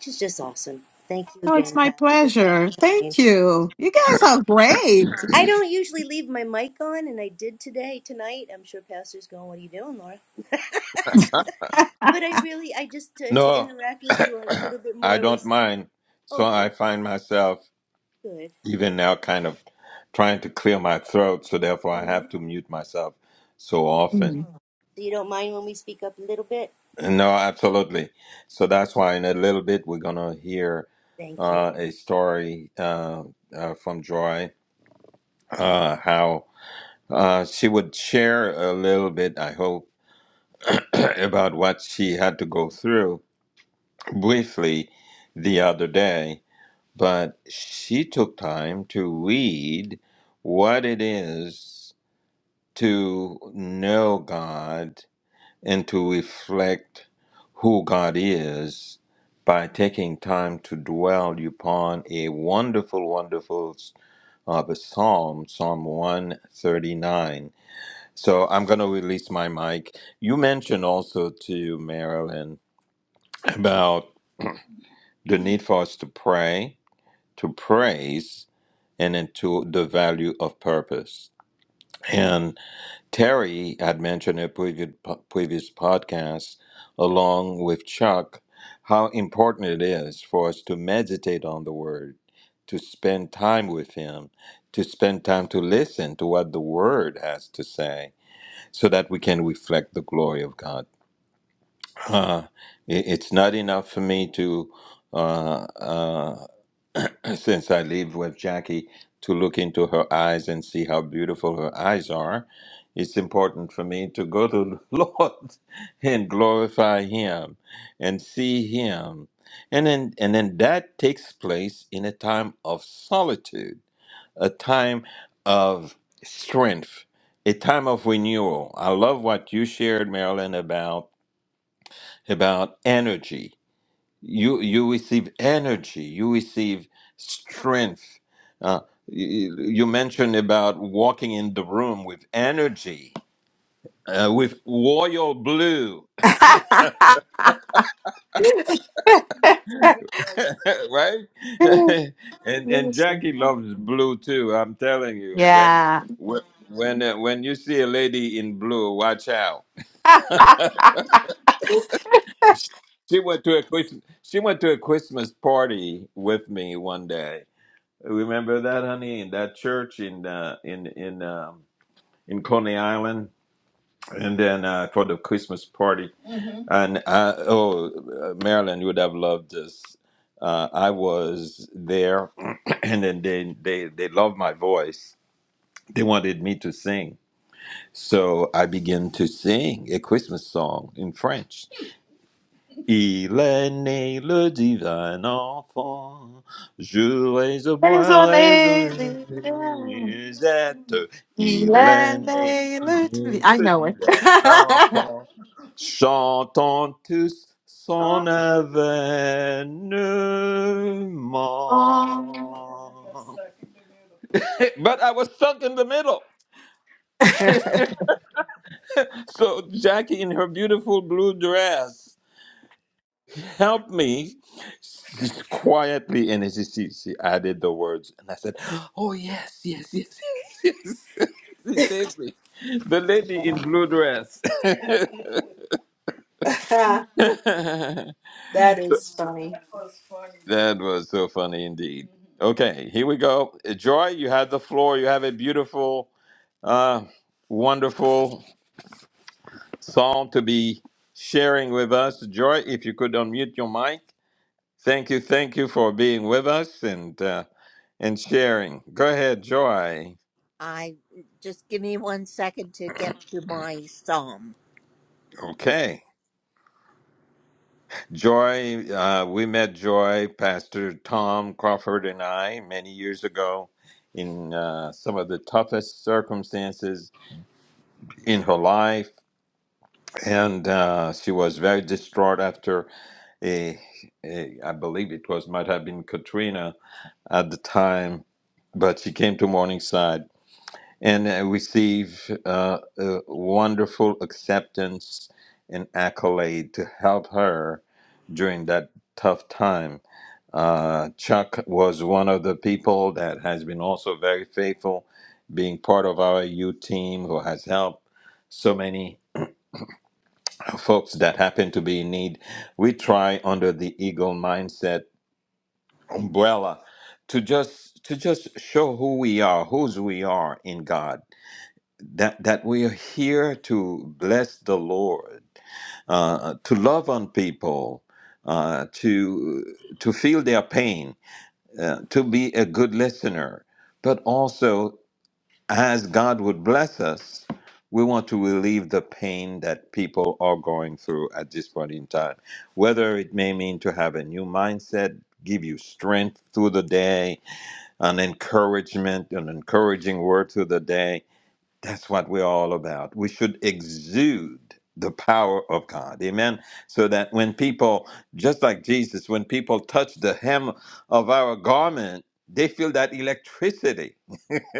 she's just awesome. Thank you oh it's again, my Pastor, pleasure for the thank time. you you guys are great I don't usually leave my mic on, and I did today tonight. I'm sure Pastor's going, "What are you doing, Laura?" But I really, I just to, to No, interact with you a little bit I more don't was mind. oh, So I good, find myself good. even now kind of trying to clear my throat, so therefore I hmm have to mute myself so often. Mm. So you don't mind when we speak up a little bit? No, absolutely. So that's why in a little bit we're gonna hear Thank you. uh, a story uh, uh, from Joy, uh, how uh, she would share a little bit, I hope, about what she had to go through briefly the other day but she took time to read what it is to know God and to reflect who God is by taking time to dwell upon a wonderful, wonderful uh, the psalm, Psalm 139. So I'm going to release my mic. You mentioned also to Marilyn about the need for us to pray, to praise. and into the value of purpose. And Terry had mentioned in a previous, previous podcast, along with Chuck, how important it is for us to meditate on the Word, to spend time with Him, to spend time to listen to what the Word has to say, so that we can reflect the glory of God. Uh, it- it's not enough for me to. Uh, uh, since I live with Jackie, to look into her eyes and see how beautiful her eyes are. It's important for me to go to the Lord and glorify Him and see Him. And then, and then that takes place in a time of solitude, a time of strength, a time of renewal. I love what you shared, Marilyn, about, about energy you you receive energy you receive strength uh, you, you mentioned about walking in the room with energy uh, with royal blue right and and Yes. jackie loves blue too i'm telling you when yeah when when, uh, when you see a lady in blue watch out she went to a christmas she went to a christmas party with me one day remember that honey in that church in uh, in in um in Coney Island, and then uh, for the Christmas party. And I, oh, Marilyn, you would have loved this. Uh, I was there, and then they they they loved my voice. They wanted me to sing, so I began to sing a Christmas song in French Il est né le divin enfant. Jouez et There's boirai only de the- musette. Il est Elena né Lutfi- i le know it divin enfant. Chantons tous son oh. avènement. But I was stuck in the middle. Oh. So Jackie in her beautiful blue dress. help me just quietly. And then she, she, she added the words, and I said, Oh, yes, yes, yes, yes, yes. she saved me. The lady in blue dress. that That is funny. was so funny indeed. Okay, here we go. Joy, you had the floor. You have a beautiful, uh, wonderful song to be sharing with us. Joy, if you could unmute your mic. Thank you, thank you for being with us and uh, and sharing. Go ahead, Joy. I just give me one second to get to my psalm. Okay, Joy. Uh, we met Joy, Pastor Tom Crawford, and I many years ago in uh, some of the toughest circumstances in her life, and uh, she was very distraught after a, a I believe it was might have been Katrina at the time, but she came to Morningside and uh, receive uh, a wonderful acceptance and accolade to help her during that tough time. Uh, Chuck was one of the people that has been also very faithful, being part of our U team who has helped so many folks that happen to be in need. We try under the Eagle Mindset umbrella to just to just show who we are, whose we are in God that that we are here to bless the Lord, uh, to love on people, uh, to to feel their pain, uh, to be a good listener, but also as God would bless us, we want to relieve the pain that people are going through at this point in time. Whether it may mean to have a new mindset, give you strength through the day, an encouragement, an encouraging word through the day that's what we're all about. We should exude the power of God. Amen. So that when people, just like Jesus, when people touch the hem of our garment, they feel that electricity,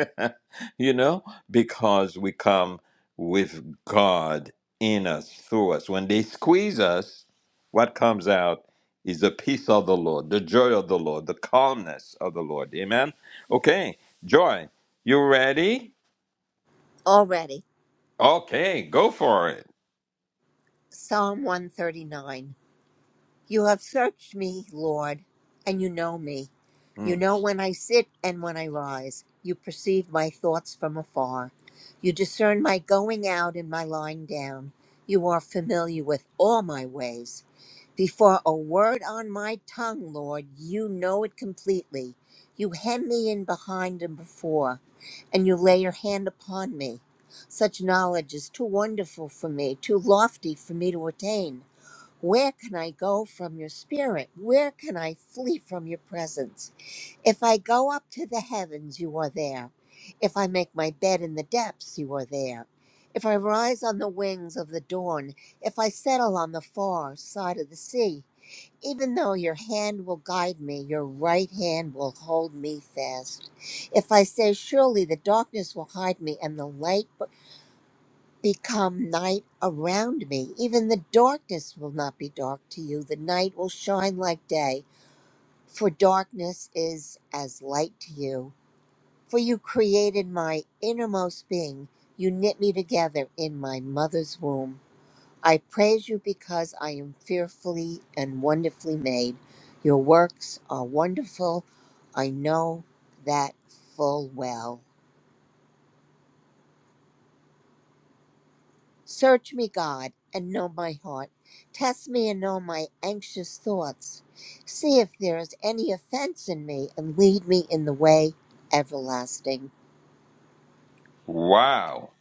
you know, because we come with God in us, through us. When they squeeze us, what comes out is the peace of the Lord, the joy of the Lord, the calmness of the Lord. Amen. Okay, joy, you ready? Already, Okay, go for it. Psalm 139. You have searched me, Lord, and you know me. You Mm. know when I sit and when I rise. You perceive my thoughts from afar. You discern my going out and my lying down. You are familiar with all my ways. Before a word on my tongue, Lord, you know it completely. You hem me in behind and before, and you lay your hand upon me. Such knowledge is too wonderful for me, too lofty for me to attain. Where can I go from your spirit? Where can I flee from your presence? If I go up to the heavens, you are there. If I make my bed in the depths, you are there. If I rise on the wings of the dawn, if I settle on the far side of the sea, even though your hand will guide me, your right hand will hold me fast. If I say, Surely the darkness will hide me, and the light become night around me. Even the darkness will not be dark to you. The night will shine like day, for darkness is as light to you. For you created my innermost being. You knit me together in my mother's womb. I praise you because I am fearfully and wonderfully made. Your works are wonderful. I know that full well. Search me, God, and know my heart. Test me and know my anxious thoughts. See if there is any offense in me, and lead me in the way everlasting. Wow.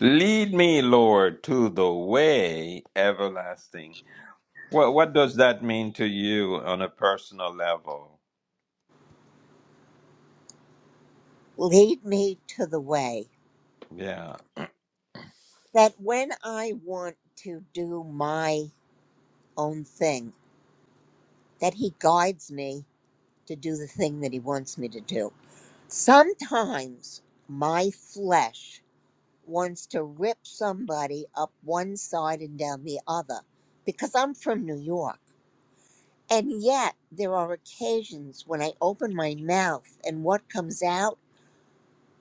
Lead me, Lord, to the way everlasting. What what does that mean to you on a personal level? Lead me to the way Yeah. that when I want to do my own thing, that He guides me to do the thing that He wants me to do. Sometimes my flesh wants to rip somebody up one side and down the other because I'm from New York. And yet, there are occasions when I open my mouth and what comes out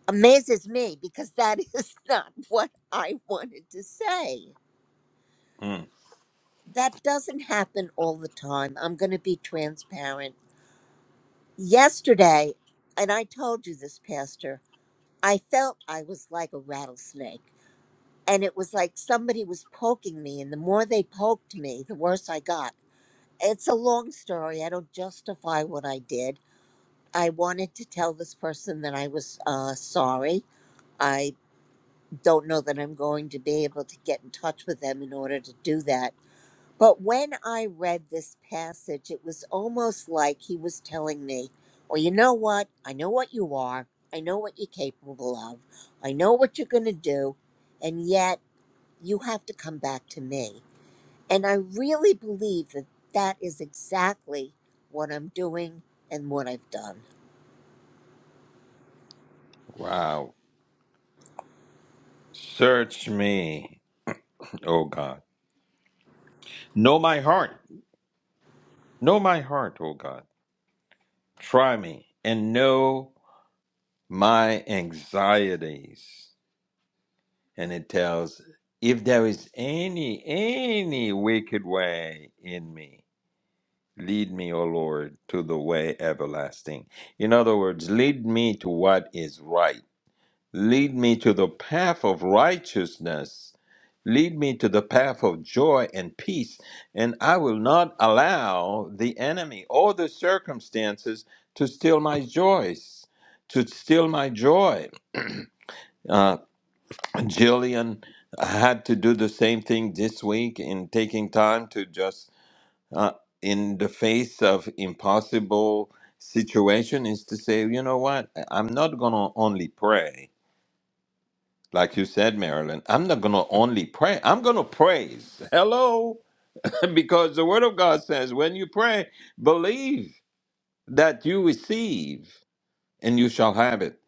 amazes me because that is not what I wanted to say. Mm. That doesn't happen all the time. I'm going to be transparent. Yesterday, and I told you this, Pastor, I felt I was like a rattlesnake. and it was like somebody was poking me and the more they poked me the worse i got it's a long story i don't justify what i did i wanted to tell this person that i was uh, sorry i don't know that i'm going to be able to get in touch with them in order to do that but when i read this passage it was almost like he was telling me well you know what i know what you are i know what you're capable of i know what you're going to do and yet you have to come back to me. And I really believe that that is exactly what I'm doing and what I've done. Wow. Search me, O God. Know my heart. Know my heart, O God. Try me and know my anxieties. And it tells if there is any any wicked way in me Lead me, O Lord, to the way everlasting. In other words, lead me to what is right. Lead me to the path of righteousness. Lead me to the path of joy and peace. And I will not allow the enemy or the circumstances to steal my joys, to steal my joy. Uh, Jillian had to do the same thing this week in taking time to just uh, in the face of impossible situation is to say, you know what? I- I'm not going to only pray. Like you said, Marilyn, I'm not going to only pray. I'm going to praise. Hello. because the word of God says when you pray, believe that you receive and you shall have it.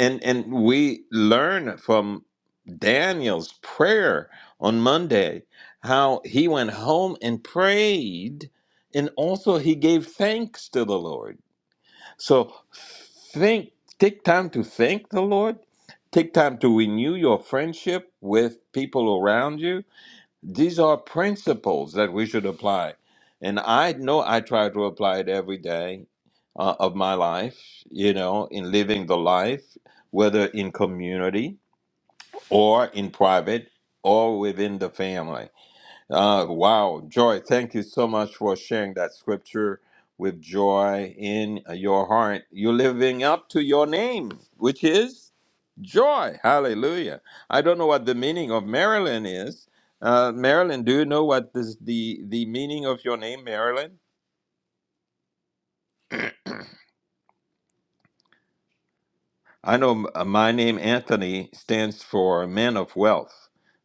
And and we learn from Daniel's prayer on Monday how he went home and prayed and also he gave thanks to the Lord. So think take time to thank the Lord. Take time to renew your friendship with people around you these are principles that we should apply. And I know I try to apply it every day uh, of my life, you know, in living the life, whether in community or in private or within the family. Uh, wow, Joy, thank you so much for sharing that scripture with joy in uh, your heart. You're living up to your name, which is? Joy. Hallelujah. I don't know what the meaning of Marilyn is. Uh, Marilyn, do you know what is the, the meaning of your name, Marilyn? I know m- uh, my name, Anthony, stands for man of wealth.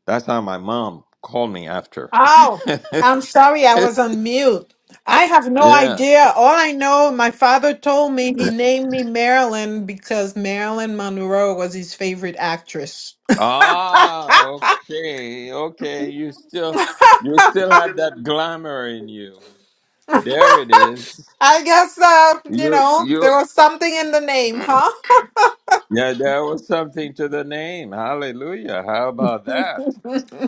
That's how my mom called me after. Oh, I'm sorry, I was on mute. I have no yeah. idea. All I know, my father told me he named me Marilyn because Marilyn Monroe was his favorite actress. Ah, okay. Okay. You still you still have that I glamour in you. There it is. guess, uh, you You know, you there was something in the name, huh? Yeah, there was something to the name. Hallelujah. How about that?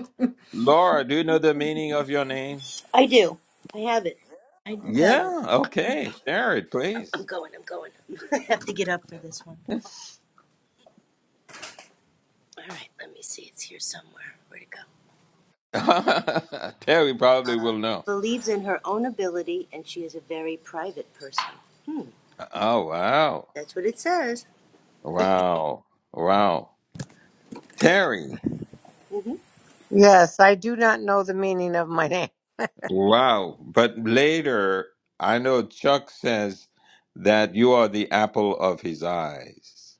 Laura, do you know the meaning of your name? I do. I have it. I do have it. Yeah, okay. Share it, I'm please. going. I'm going. I have to get up for this one. All right. Let me see. It's here somewhere. Where'd it go? Terry probably uh, will know. believes in her own ability, and she is a very private person. Hmm, Oh, wow. that's what it says. Wow. Wow. Terry. hmm Yes, I do not know the meaning of my name, Wow. But later, I know Chuck says that you are the apple of his eyes.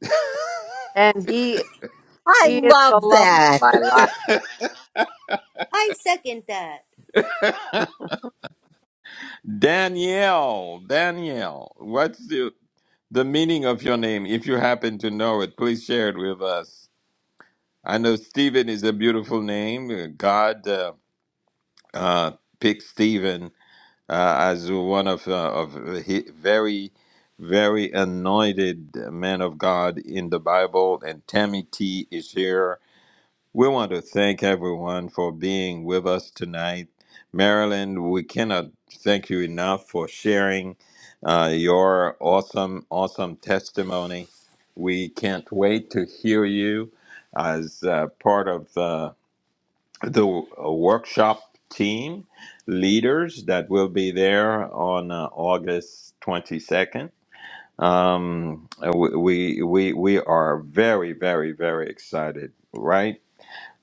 and he I he is the love love of that. my life. I second that. Danielle, Danielle, what's the the meaning of your name, if you happen to know it, please share it with us. I know Stephen is a beautiful name. God uh, uh, picked Stephen uh, as one of, uh, of hi very, very anointed men of God in the Bible. And Tammy T is here we want to thank everyone for being with us tonight. Marilyn, we cannot thank you enough for sharing uh, your awesome, awesome testimony. We can't wait to hear you as uh, part of uh, the uh, workshop team leaders that will be there on uh, August 22nd. Um, we, we, we we are very, very, very excited, right?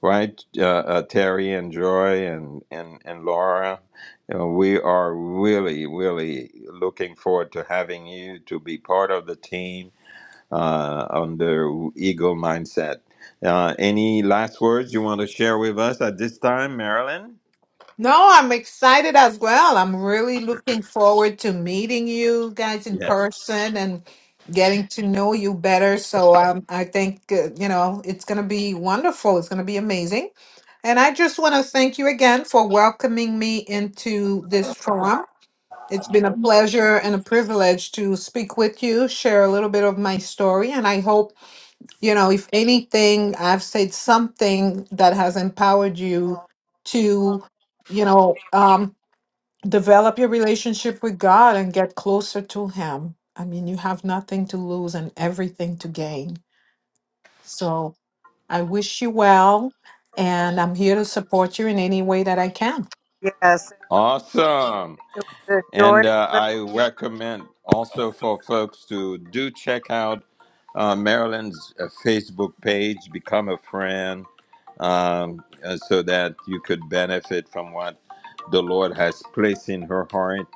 right? Uh, uh, Terry and Joy and and and Laura, you know, we are really really looking forward to having you to be part of the team uh, under Eagle Mindset. Uh, any last words you want to share with us at this time, Marilyn? No, I'm excited as well. I'm really looking forward to meeting you guys in Yes. person and getting to know you better. So um, I think, uh, you know, it's going to be wonderful. It's going to be amazing. And I just want to thank you again for welcoming me into this forum. It's been a pleasure and a privilege to speak with you, share a little bit of my story, and I hope you know, if anything, I've said something that has empowered you to, you know, um, develop your relationship with God and get closer to Him. I mean, you have nothing to lose and everything to gain. So I wish you well, and I'm here to support you in any way that I can. Yes, Awesome. it was a joy to And listen uh, I recommend also for folks to do check out uh, Marilyn's uh, Facebook page, become a friend, um, uh, so that you could benefit from what the Lord has placed in her heart.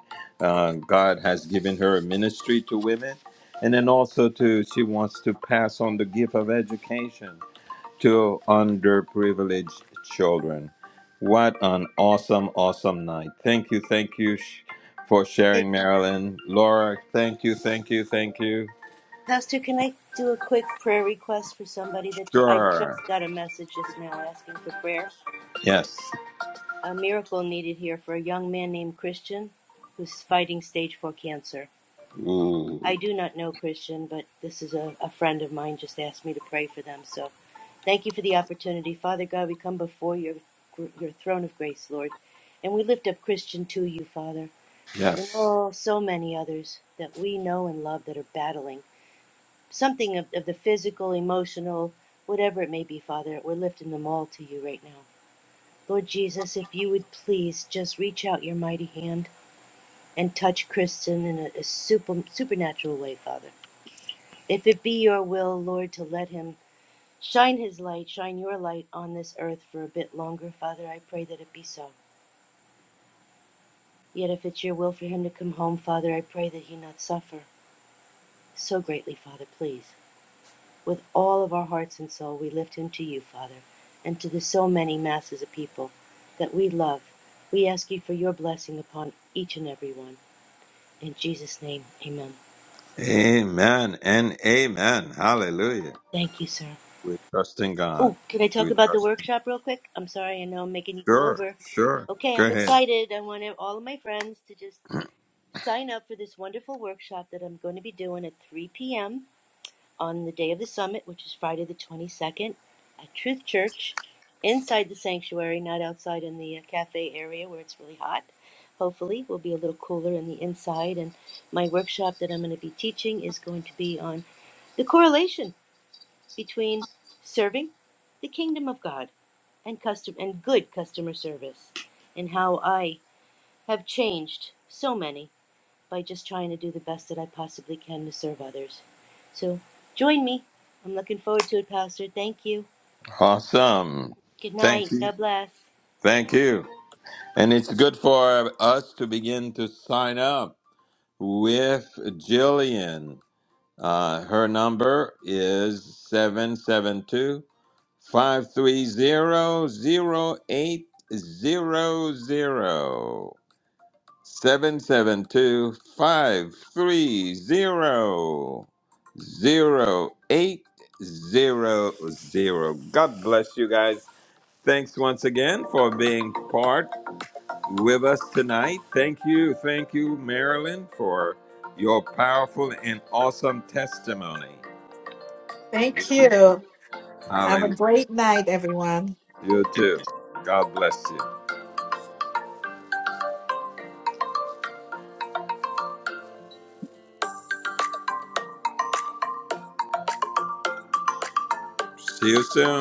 Uh, God has given her a ministry to women. And then also to she wants to pass on the gift of education to underprivileged children. What an awesome, awesome night. Thank you, thank you sh- for Eh, sharing, Marilyn. Laura, thank you, thank you, thank you. Pastor, can I do a quick prayer request for somebody that ju- I Sure. just got a message just now asking for prayer? Yes. A miracle needed here for a young man named Christian who's fighting stage four cancer. I Ooh, do not know Christian, but this is a, a friend of mine just asked me to pray for them. So thank you for the opportunity. Father God, we come before your, your throne of grace, Lord, and we lift up Christian to you, Father, and yes. oh, so many others that we know and love that are battling something of, of the physical, emotional, whatever it may be, Father. We're lifting them all to you right now. Lord Jesus, if you would please just reach out your mighty hand and touch Kristen in a, a super, supernatural way, Father. If it be your will, Lord, to let him shine his light, shine your light on this earth for a bit longer, Father, I pray that it be so. Yet if it's your will for him to come home, Father, I pray that he not suffer so greatly, Father, please. With all of our hearts and soul, we lift him to you, Father, and to the so many masses of people that we love. We ask you for your blessing upon each and every one. In Jesus' name, amen. Amen and amen. Hallelujah. Thank you, sir. We're trusting God. Oh, can I talk We're about the trusting. workshop real quick? I'm sorry, I know I'm making you go Sure, over. sure. Okay, Go I'm ahead. excited. I want all of my friends to just sign up for this wonderful workshop that I'm going to be doing at 3 p.m. on the day of the summit, which is Friday the 22nd at Truth Church inside the sanctuary, not outside in the uh, cafe area where it's really hot. Hopefully, we'll be a little cooler in the inside. And my workshop that I'm going to be teaching is going to be on the correlation between serving the kingdom of God and custom and good customer service and how I have changed so many by just trying to do the best that I possibly can to serve others. So join me. I'm looking forward to it, Pastor. Thank you. Awesome. Good Thank night. you. God bless. Thank you. And it's good for us to begin to sign up. with Jillian. Uh, her number is 772 530 God bless you guys. Thanks once again for being part with us tonight. Thank you, thank you, Marilyn, for your powerful and awesome testimony. Thank you. Have a Hallelujah. great night, everyone. You too. God bless you. See you soon.